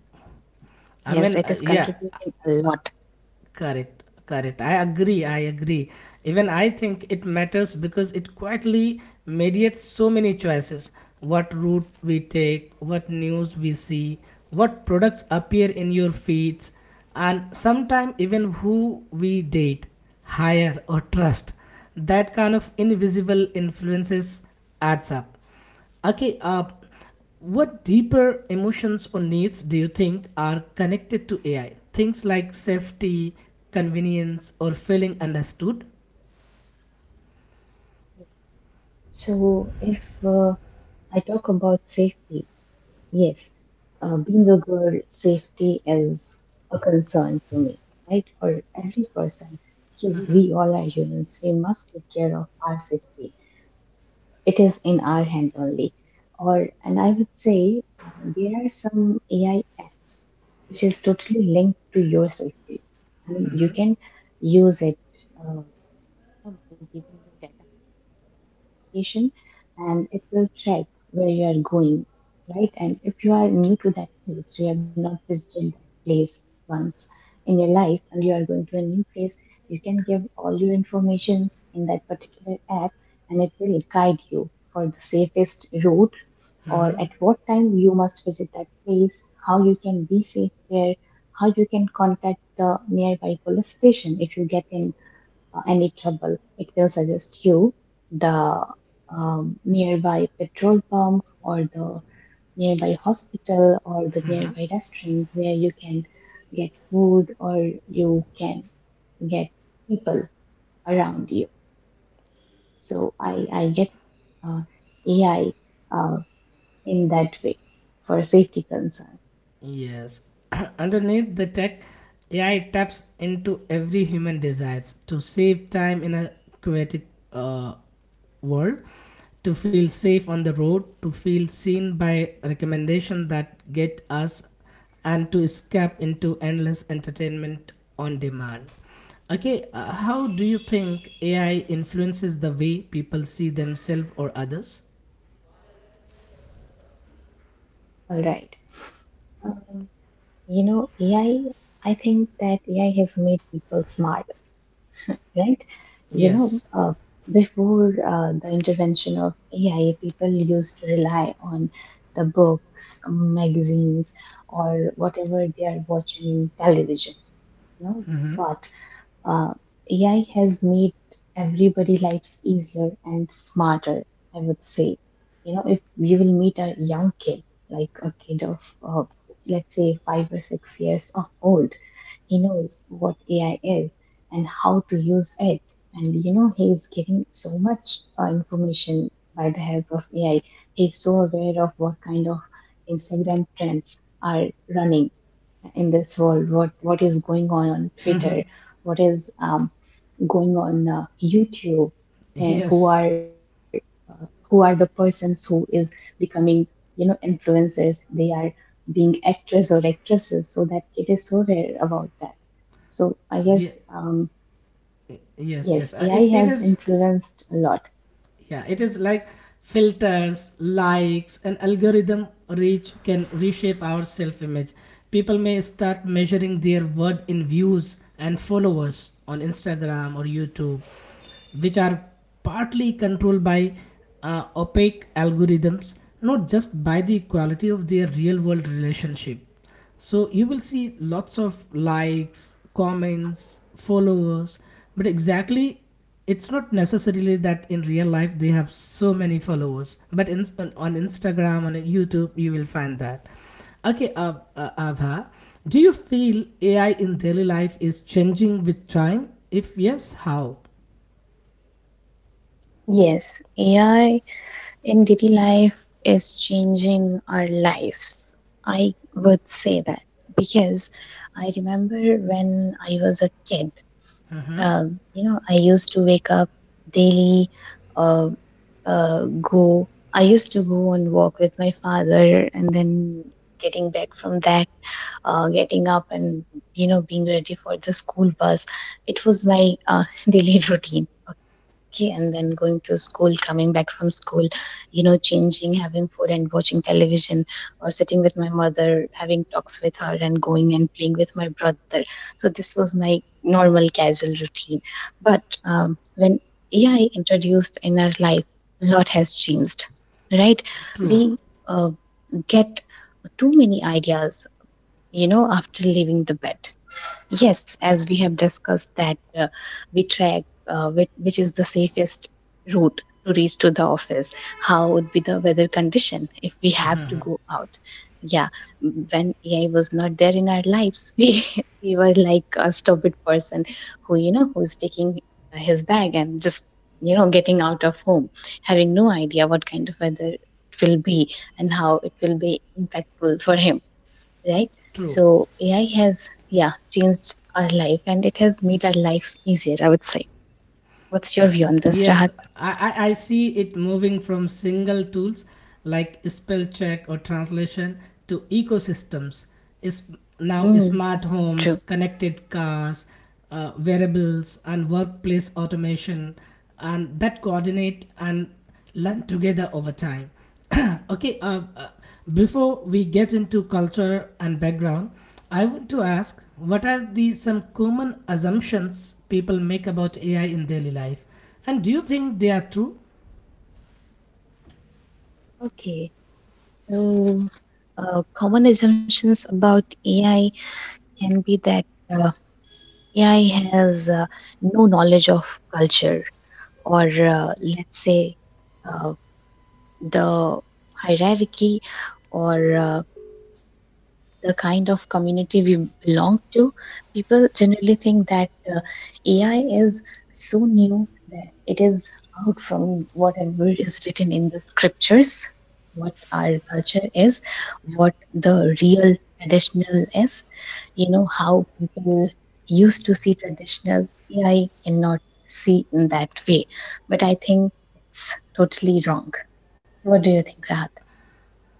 Speaker 1: I
Speaker 2: yes,
Speaker 1: mean,
Speaker 2: it is
Speaker 1: yeah.
Speaker 2: contributing a lot.
Speaker 1: Correct, correct. I agree, I agree. Even I think it matters because it quietly mediates so many choices. What route we take, what news we see, what products appear in your feeds, and sometimes even who we date, hire, or trust. That kind of invisible influences adds up. Okay, what deeper emotions or needs do you think are connected to AI? Things like safety, convenience, or feeling understood?
Speaker 2: So, if I talk about safety, yes, being a girl, safety is a concern to me, right? For every person, because we all are humans, we must take care of our safety. It is in our hand only. Or, and I would say there are some AI apps which is totally linked to your safety. I mean, you can use it. uh, System by giving you data notification, and it will track where you are going, right? And if you are new to that place, you have not visited that place once in your life, and you are going to a new place, you can give all your informations in that particular app, and it will guide you for the safest route, or at what time you must visit that place, how you can be safe there, how you can contact the nearby police station if you get in any trouble. It will suggest you the nearby petrol pump, or the nearby hospital, or the nearby restaurant where you can get food, or you can get people around you. So I get uh, AI uh, in that way for safety concern.
Speaker 1: Yes. <clears throat> Underneath the tech, AI taps into every human desires to save time in a chaotic uh, world, to feel safe on the road, to feel seen by recommendation that get us, and to escape into endless entertainment on demand. Okay, how do you think AI influences the way people see themselves or others?
Speaker 2: All right. Um, you know, AI, I think that AI has made people smart, right? You know,
Speaker 1: Yes. <laughs>
Speaker 2: uh, before the intervention of AI, people used to rely on the books, magazines, or whatever they are watching in television, you know. But uh, AI has made everybody lives easier and smarter, I would say. You know, if you will meet a young kid, like a kid of, uh, let's say, 5 or 6 years of old, he knows what AI is and how to use it. And you know, he is getting so much information by the help of AI. He's so aware of what kind of Instagram trends are running in this world, what is going on Twitter, what is going on YouTube, eh, who
Speaker 1: Yes.
Speaker 2: are who are the persons who is becoming, you know, influencers, they are being actors or actresses, so that it is so rare about that, so I
Speaker 1: Ye-
Speaker 2: guess
Speaker 1: yes.
Speaker 2: yes,
Speaker 1: Yes.
Speaker 2: AI
Speaker 1: It
Speaker 2: has
Speaker 1: is.
Speaker 2: influenced a lot.
Speaker 1: Yeah, it is like filters, likes, and algorithm reach can reshape our self image. People may start measuring their worth in views and followers on Instagram or YouTube, which are partly controlled by opaque algorithms, not just by the quality of their real world relationship. So you will see lots of likes, comments, followers, but exactly it's not necessarily that in real life they have so many followers. But on Instagram, on YouTube, you will find that. Okay, Abha, do you feel AI in daily life is changing with time? If yes, how?
Speaker 2: Yes, AI in daily life is changing our lives. I would say that, because I remember when I was a kid,
Speaker 1: Mhm.
Speaker 2: you know, I used to wake up daily, uh, uh, go, I used to go and walk with my father and then getting back from that, getting up and, you know, being ready for the school bus. It was my <laughs> daily routine. Okay, and then going to school, coming back from school, you know, changing, having food, and watching television, or sitting with my mother, having talks with her, and going and playing with my brother. So this was my normal casual routine. But when ai introduced in our life, a lot has changed, right?
Speaker 1: True,
Speaker 2: We uh, get too many ideas, you know, after leaving the bed. Yes, as we have discussed that, we track which is the safest route to reach to the office. How would be the weather condition if we have to go out? Yeah, when AI was not there in our lives, <laughs> we were like a stupid person, who, you know, who is taking his bag and just, you know, getting out of home, having no idea what kind of weather it will be and how it will be impactful for him, right?
Speaker 1: true.
Speaker 2: So AI has, yeah, changed our life, and it has made our life easier, I would say. What's your view on this,
Speaker 1: Yes,
Speaker 2: Rahat?
Speaker 1: I, I see it moving from single tools like spell check or translation to ecosystems. Is now
Speaker 2: Mm,
Speaker 1: smart homes,
Speaker 2: true.
Speaker 1: connected cars, wearables, and workplace automation, and that coordinate and learn together over time. <coughs> <clears throat> Okay, before we get into culture and background, I want to ask what are the some common assumptions people make about AI in daily life? And do you think they are true?
Speaker 2: Okay. So, common assumptions about AI can be that uh, AI has no knowledge of culture, or let's say uh, the hierarchy, or the kind of community we belong to, people generally think that AI is so new that it is out from whatever is written in the scriptures, what our culture is, what the real traditional is, you know, how people used to see traditional. AI cannot see in that way. But I think it's totally wrong. What do you think, Rahat?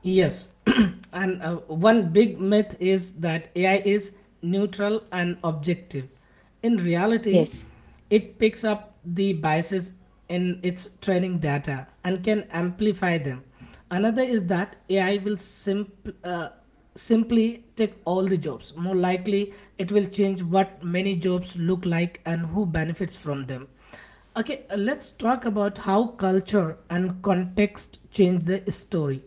Speaker 1: Yes, <clears throat> and one big myth is that AI is neutral and objective. In reality,
Speaker 2: Yes.
Speaker 1: it picks up the biases in its training data and can amplify them. Another is that AI will simply take all the jobs. More likely, it will change what many jobs look like and who benefits from them. Okay, let's talk about how culture and context change the story.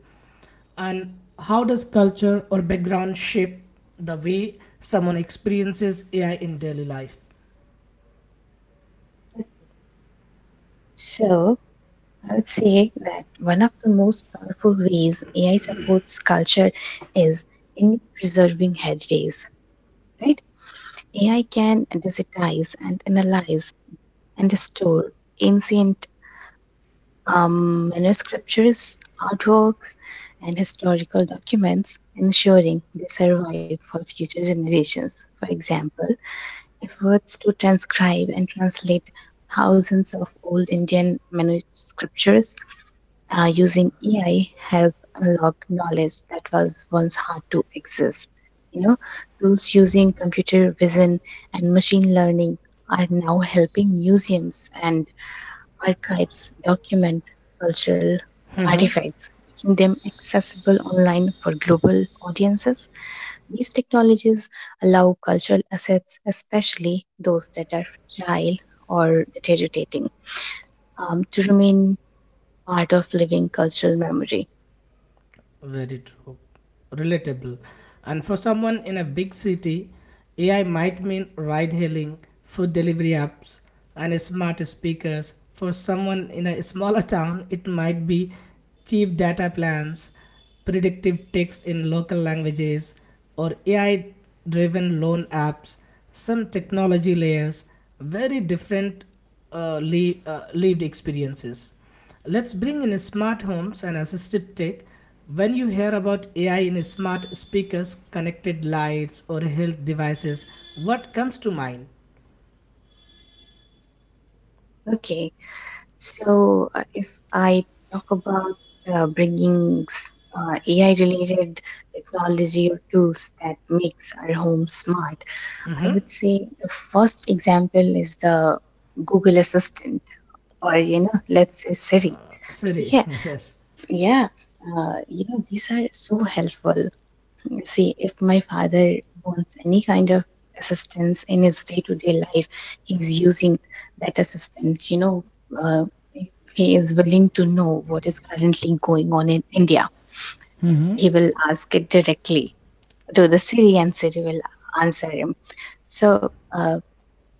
Speaker 1: And how does culture or background shape the way someone experiences AI in daily life?
Speaker 2: So, I would say that one of the most powerful ways AI supports culture is in preserving heritage, right? AI can digitize and analyze and store ancient manuscriptures, artworks, and historical documents, ensuring they survive for future generations. For example, efforts to transcribe and translate thousands of old Indian manuscriptures using AI help unlock knowledge that was once hard to access. You know, tools using computer vision and machine learning are now helping museums and archives document cultural artifacts, making them accessible online for global audiences. These technologies allow cultural assets, especially those that are fragile or deteriorating, to remain part of living cultural memory.
Speaker 1: Very true. Relatable. And for someone in a big city, AI might mean ride hailing, food delivery apps, and smart speakers. For someone in a smaller town, it might be cheap data plans, predictive text in local languages, or AI driven loan apps, some technology layers, very different lived experiences. Let's bring in smart homes and assistive tech. When you hear about AI in smart speakers, connected lights, or health devices, what comes to mind?
Speaker 2: Okay, so if I talk about bringing AI-related technology or tools that makes our home smart, I
Speaker 1: Mm-hmm.
Speaker 2: would say the first example is the Google Assistant, or, you know, let's say Siri.
Speaker 1: Sorry.
Speaker 2: Okay,
Speaker 1: <laughs> Yes.
Speaker 2: yeah, you know, these are so helpful. See, if my father wants any kind of assistance in his day to day life, he's using that assistance. You know, uh, if he is willing to know what is currently going on in India, he will ask it directly to the Siri, and Siri will answer him. So, uh,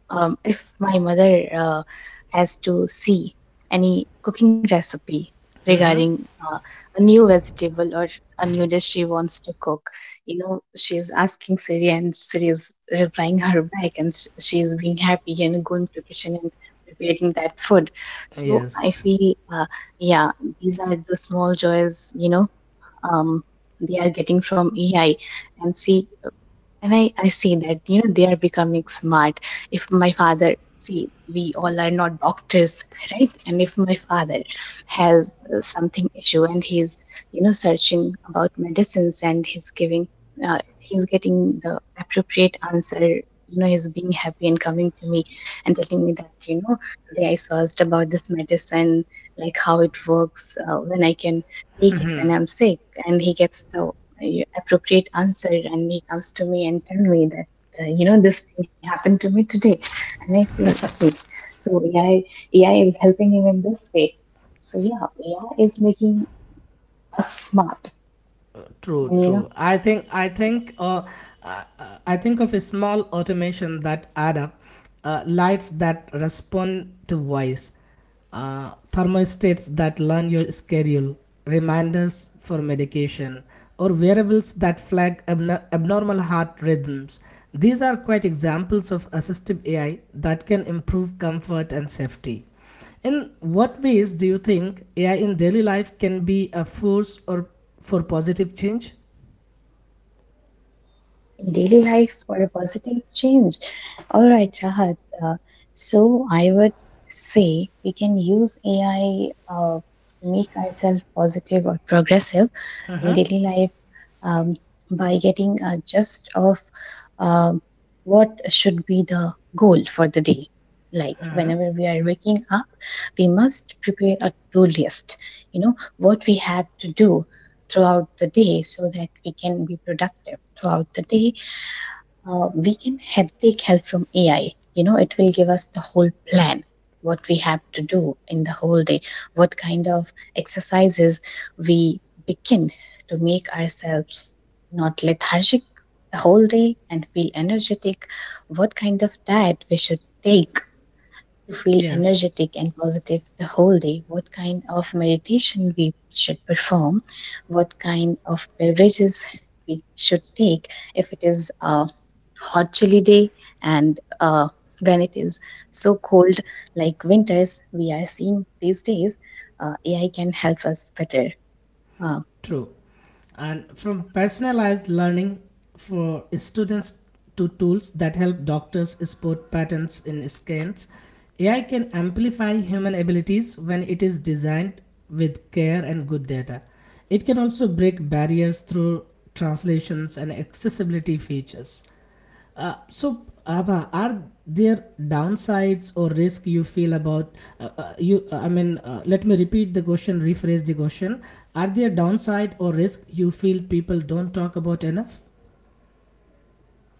Speaker 2: um, if my mother has to see any cooking recipe regarding a new vegetable or a new dish she wants to cook, you know, she is asking Siri, and Siri is replying her back, and she is being happy and going to kitchen and preparing that food. So I
Speaker 1: Yes.
Speaker 2: feel, yeah, these are the small joys, you know, um, they are getting from AI. And see, and I see that, you know, they are becoming smart. If my father see, we all are not doctors, <laughs> right? And if my father has something issue, and he's, you know, searching about medicines, and he's getting the appropriate answer, you know, he's being happy and coming to me and telling me that, you know, today I searched about this medicine, like how it works, when I can take it when I'm sick, and he gets the a appropriate answer, and he comes to me and tell me that, you know, this thing happened to me today, and I feel okay. So AI is helping him in this way, so yeah, ai is making us smart.
Speaker 1: True,
Speaker 2: And, you know,
Speaker 1: true. I think I I think of a small automation that add up, lights that respond to voice, thermostats that learn your schedule, reminders for medication, or wearables that flag abnormal heart rhythms. These are quite examples of assistive AI that can improve comfort and safety. In what ways do you think AI in daily life can be a force or for positive change?
Speaker 2: in daily life for a positive change. All right, Rahat. Uh, so I would say we can use AI to make ourselves positive or progressive in
Speaker 1: Uh-huh,
Speaker 2: daily life, um, by getting a gist of um, what should be the goal for the day. Like
Speaker 1: uh-huh.
Speaker 2: whenever we are waking up, we must prepare a to do list. You know what we have to do throughout the day so that we can be productive throughout the day, we can take help from AI. You know, it will give us the whole plan, what we have to do in the whole day, what kind of exercises we begin to make ourselves not lethargic the whole day and feel energetic, what kind of diet we should take to feel
Speaker 1: Yes,
Speaker 2: energetic and positive the whole day, what kind of meditation we should perform, what kind of beverages we should take if it is a hot chilly day, and when it is so cold like winters we are seeing these days, AI can help us better. Uh,
Speaker 1: true. And from personalized learning for students to tools that help doctors spot patterns in scans, AI can amplify human abilities when it is designed with care and good data. It can also break barriers through translations and accessibility features. So, Abha, are there downsides or risk you feel about you? I mean, let me repeat the question, rephrase the question. Are there downside or risk you feel people don't talk about enough?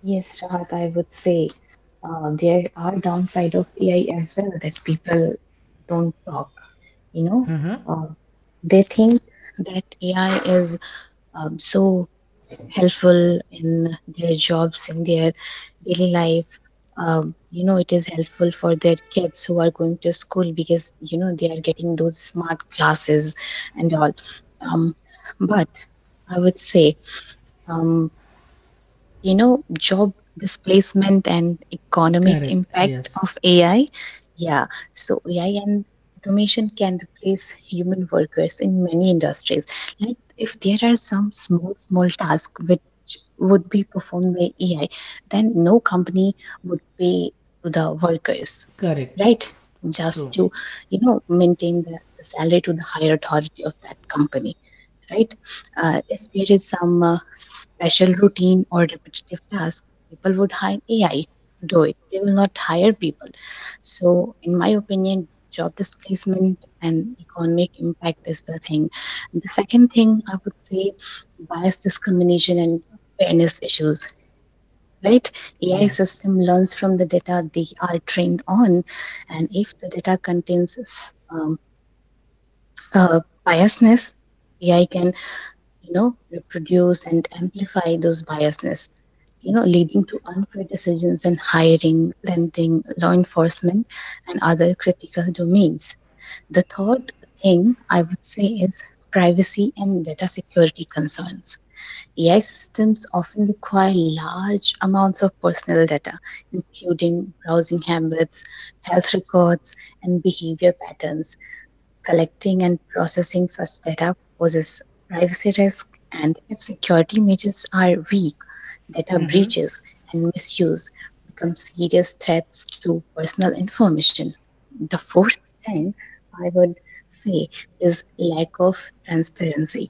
Speaker 2: yes, Rahat, I would say there are downside of AI as well that people don't talk, you know.
Speaker 1: Mm-hmm.
Speaker 2: uh, They think that AI is so helpful in their jobs, in their daily life. You know, it is helpful for their kids who are going to school because, you know, they are getting those smart classes and all. Um, but I would say, um, you know, job displacement and economic
Speaker 1: Correct.
Speaker 2: impact
Speaker 1: Yes.
Speaker 2: of AI. Yeah, so AI and automation can replace human workers in many industries. Like if there are some small, small tasks which would be performed by AI, then no company would pay to the workers,
Speaker 1: Correct.
Speaker 2: right?
Speaker 1: True.
Speaker 2: Just to, you know, maintain the salary to the higher authority of that company, right? If there is some special routine or repetitive task, people would hire AI to do it. They will not hire people. So, in my opinion, job displacement and economic impact is the thing. And the second thing I would say, bias discrimination and fairness issues. Right, AI
Speaker 1: Yes.
Speaker 2: system learns from the data they are trained on, and if the data contains uh, biasness, AI can, you know, reproduce and amplify those biasness, you know, leading to unfair decisions in hiring, renting, law enforcement, and other critical domains. The third thing I would say is privacy and data security concerns. AI systems often require large amounts of personal data, including browsing habits, health records, and behavior patterns. Collecting and processing such data poses privacy risk, and if security measures are weak, data
Speaker 1: Mm-hmm.
Speaker 2: breaches and misuse become serious threats to personal information. The fourth thing I would say is lack of transparency.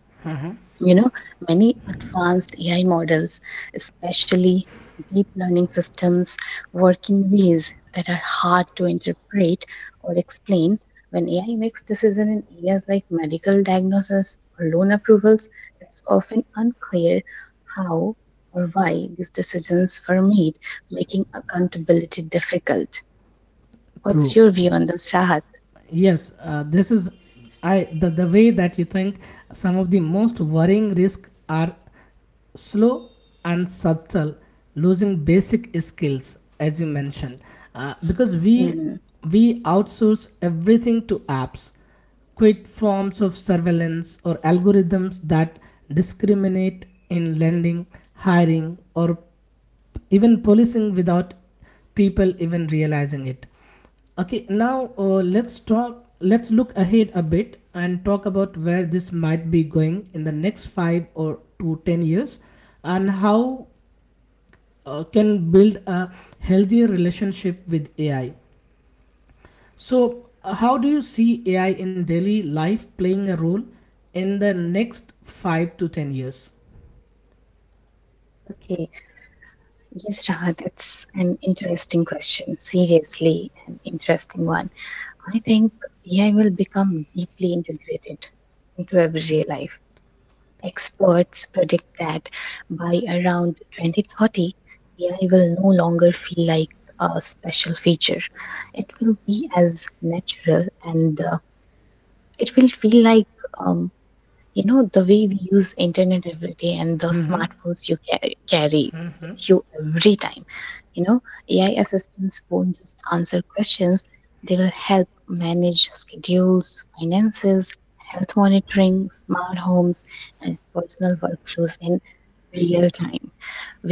Speaker 2: You know, many advanced AI models, especially deep learning systems, work in ways that are hard to interpret or explain. When AI makes decisions in areas like medical diagnosis or loan approvals, it's often unclear how or why these decisions were made, making accountability difficult. What's
Speaker 1: True.
Speaker 2: your view on this, Rahat?
Speaker 1: Yes, this is I the way that you think some of the most worrying risks are slow and subtle, losing basic skills, as you mentioned, because
Speaker 2: Mm,
Speaker 1: we outsource everything to apps, quit forms of surveillance, or algorithms that discriminate in lending, hiring, or even policing without people even realizing it. Okay, now, let's look ahead a bit and talk about where this might be going in the next 5 or to 10 years, and how can build a healthier relationship with AI. So how do you see AI in daily life playing a role in the next 5 to 10 years?
Speaker 2: okay. Yes, Rahat, that's an interesting question. Seriously, an interesting one. I think AI will become deeply integrated into everyday life. Experts predict that by around 2030, AI will no longer feel like a special feature. It will be as natural and, it will feel like, um, you know, the way we use internet every day and the smartphones you carry with you every time. You know, AI assistants won't just answer questions, they will help manage schedules, finances, health monitoring, smart homes, and personal workflows in real time.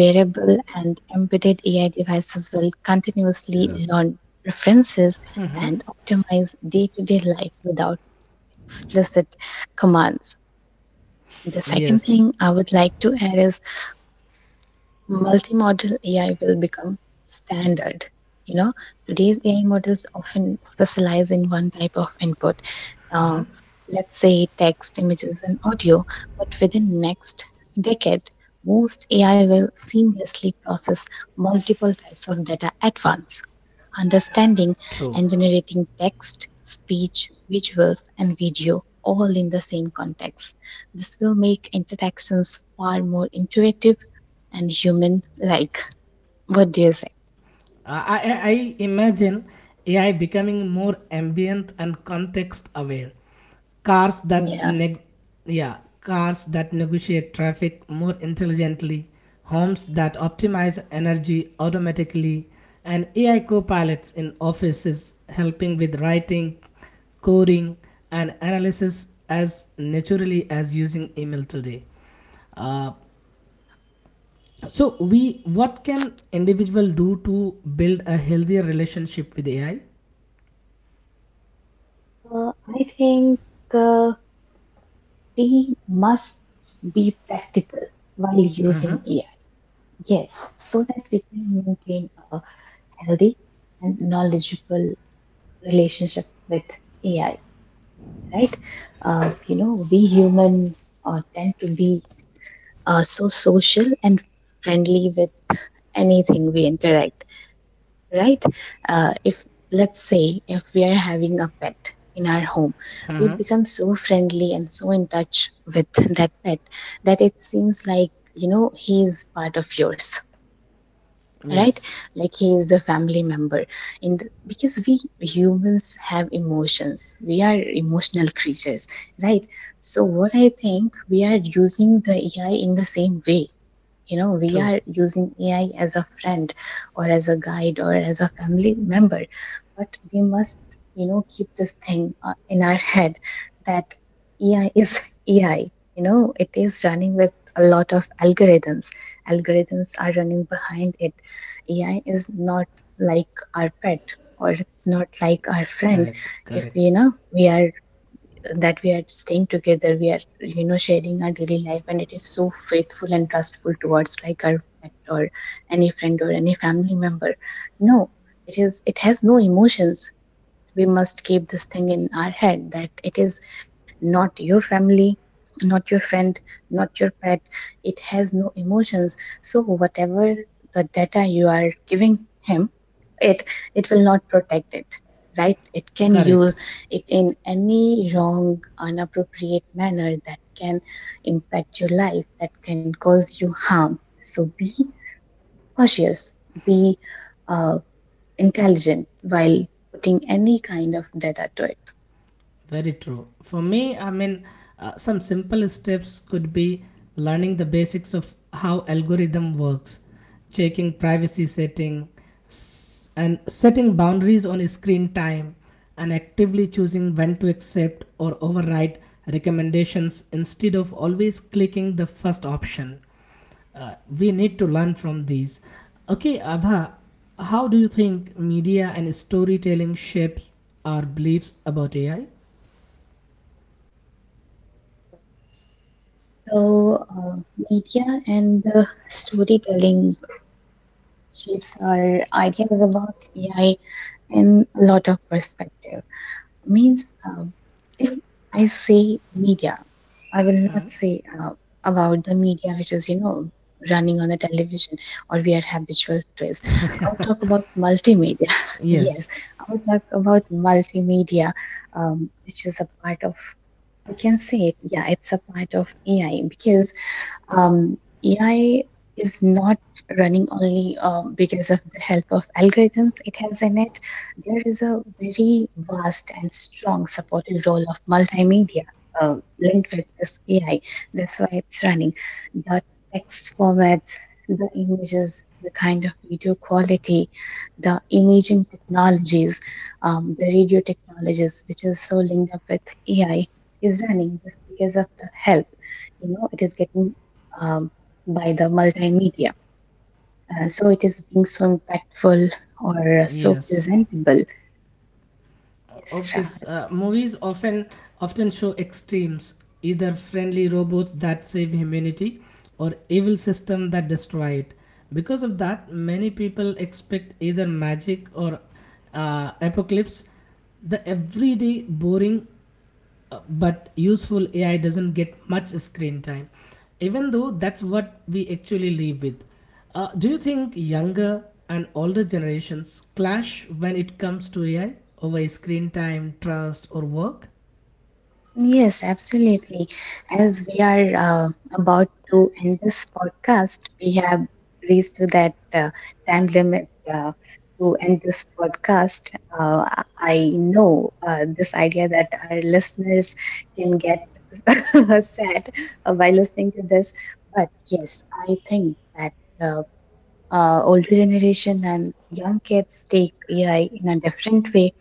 Speaker 2: Wearable and embedded AI devices will continuously
Speaker 1: Yeah.
Speaker 2: learn preferences and optimize day-to-day life without explicit commands. The second
Speaker 1: Yes,
Speaker 2: thing I would like to add is multimodal AI will become standard. You know, today's AI models often specialize in one type of input, uh, let's say text, images, and audio. But within next decade, most AI will seamlessly process multiple types of data at once, understanding
Speaker 1: true.
Speaker 2: and generating text, speech, visuals, and video all in the same context. This will make interactions far more intuitive and human like. What do you say?
Speaker 1: I imagine AI becoming more ambient and context aware. Cars that
Speaker 2: Yeah.
Speaker 1: yeah, cars that negotiate traffic more intelligently, homes that optimize energy automatically, and AI co-pilots in offices helping with writing, coding, and analysis as naturally as using email today. Uh, so, we what can individual do to build a healthier relationship with AI?
Speaker 2: I think uh, we must be practical while
Speaker 1: Uh
Speaker 2: using
Speaker 1: huh.
Speaker 2: AI. Yes, so that we can maintain a healthy and knowledgeable relationship with AI, right? You know, we human tend to be so social and friendly with anything we interact. Right? If, let's say, if we are having a pet in our home,
Speaker 1: Uh
Speaker 2: we
Speaker 1: huh.
Speaker 2: become so friendly and so in touch with <laughs> that pet that it seems like, you know, he is part of yours, right?
Speaker 1: Yes,
Speaker 2: Like he is the family member. And because we humans have emotions, we are emotional creatures, right? So what I think, we are using the AI in the same way. You know, we
Speaker 1: true.
Speaker 2: are using AI as a friend or as a guide or as a family member. But we must, you know, keep this thing in our head that AI is <laughs> AI. You know, it is running with a lot of algorithms. Algorithms are running behind it. AI is not like our pet, or it's not like our friend.
Speaker 1: Correct,
Speaker 2: If,
Speaker 1: correct,
Speaker 2: you know, we are, that we are staying together, we are, you know, sharing our daily life, and it is so faithful and trustful towards, like our pet or any friend or any family member. No, it is, it has no emotions. We must keep this thing in our head, that it is not your family, not your friend, not your pet. It has no emotions. So whatever the data you are giving him, it it will not protect it, right? It can use
Speaker 1: correct.
Speaker 2: it in any wrong, inappropriate manner that can impact your life, that can cause you harm. So be cautious, be uh, intelligent while putting any kind of data to it.
Speaker 1: Very true. For me, I mean, some simple steps could be learning the basics of how algorithm works, checking privacy setting, and setting boundaries on screen time, and actively choosing when to accept or override recommendations instead of always clicking the first option. We need to learn from these. Okay, Abha, how do you think media and storytelling shapes our beliefs about AI?
Speaker 2: So, media and storytelling shapes our ideas about AI in a lot of perspective. Means, if I say media, I will not say about the media which is, you know, running on the television or we are habitual to is. I will talk about multimedia. <laughs> Yes,
Speaker 1: Yes,
Speaker 2: I will talk about multimedia, which is a part of, I can say it. Yeah, it's a part of AI because, um, AI is not running only, because of the help of algorithms it has in it. There is a very vast and strong supported role of multimedia linked with this AI. That's why it's running. The text formats, the images, the kind of video quality, the imaging technologies, the radio technologies, which is so linked up with AI, is running just because of the help, you know, it is getting, um, by the multimedia. So it is being so impactful or so
Speaker 1: yes.
Speaker 2: presentable. Yes,
Speaker 1: Obvious
Speaker 2: Shahar.
Speaker 1: movies often show extremes, either friendly robots that save humanity or evil system that destroy it. Because of that, many people expect either magic or apocalypse. The everyday boring but useful AI doesn't get much screen time, even though that's what we actually live with. Do you think younger and older generations clash when it comes to AI over screen time, trust, or work?
Speaker 2: Yes, absolutely. As we are about to end this podcast, we have reached to that time limit to end this podcast. I know this idea that our listeners can get <laughs> sad by listening to this, but yes, I think that. Uh, Older generation and young kids take AI in a different way.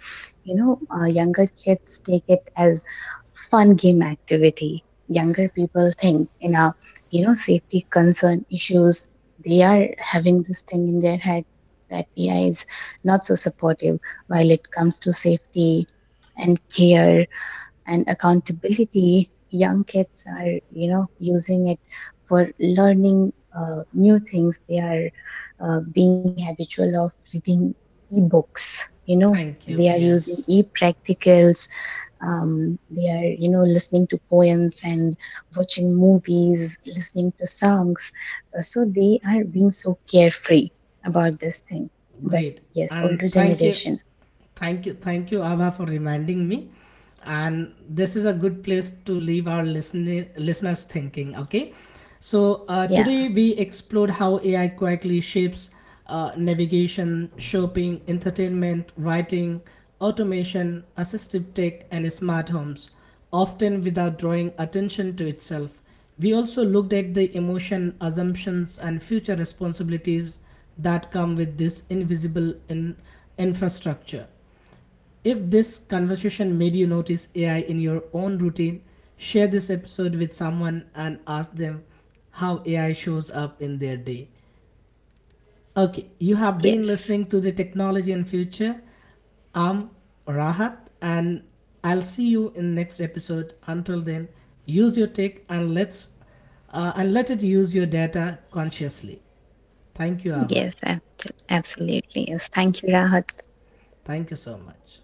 Speaker 2: You know, younger kids take it as fun game activity. Younger people think in a, you know, safety concern issues. They are having this thing in their head that AI is not so supportive while it comes to safety and care and accountability. Young kids are, you know, using it for learning new things. They are being habitual of reading e-books. You know,
Speaker 1: Thank
Speaker 2: they are
Speaker 1: you.
Speaker 2: using
Speaker 1: Yes.
Speaker 2: e-practicals. They are, you know, listening to poems and watching movies, listening to songs. So they are being so carefree about this thing. But
Speaker 1: Great.
Speaker 2: yes, older
Speaker 1: And thank you.
Speaker 2: generation.
Speaker 1: Thank you. Thank you, Abha, for reminding me. And this is a good place to leave our listeners thinking. Okay. So
Speaker 2: Yeah.
Speaker 1: today we explored how AI quietly shapes navigation, shopping, entertainment, writing, automation, assistive tech, and smart homes, often without drawing attention to itself. We also looked at the emotion, assumptions, and future responsibilities that come with this invisible in infrastructure. If this conversation made you notice AI in your own routine, share this episode with someone and ask them how AI shows up in their day. Okay, you have been
Speaker 2: Yes.
Speaker 1: listening to the Technology and Future. I'm Rahat, and I'll see you in next episode. Until then, use your tech and let it use your data consciously. Thank you, Ava.
Speaker 2: Yes, absolutely. Yes. Thank you, Rahat.
Speaker 1: Thank you so much.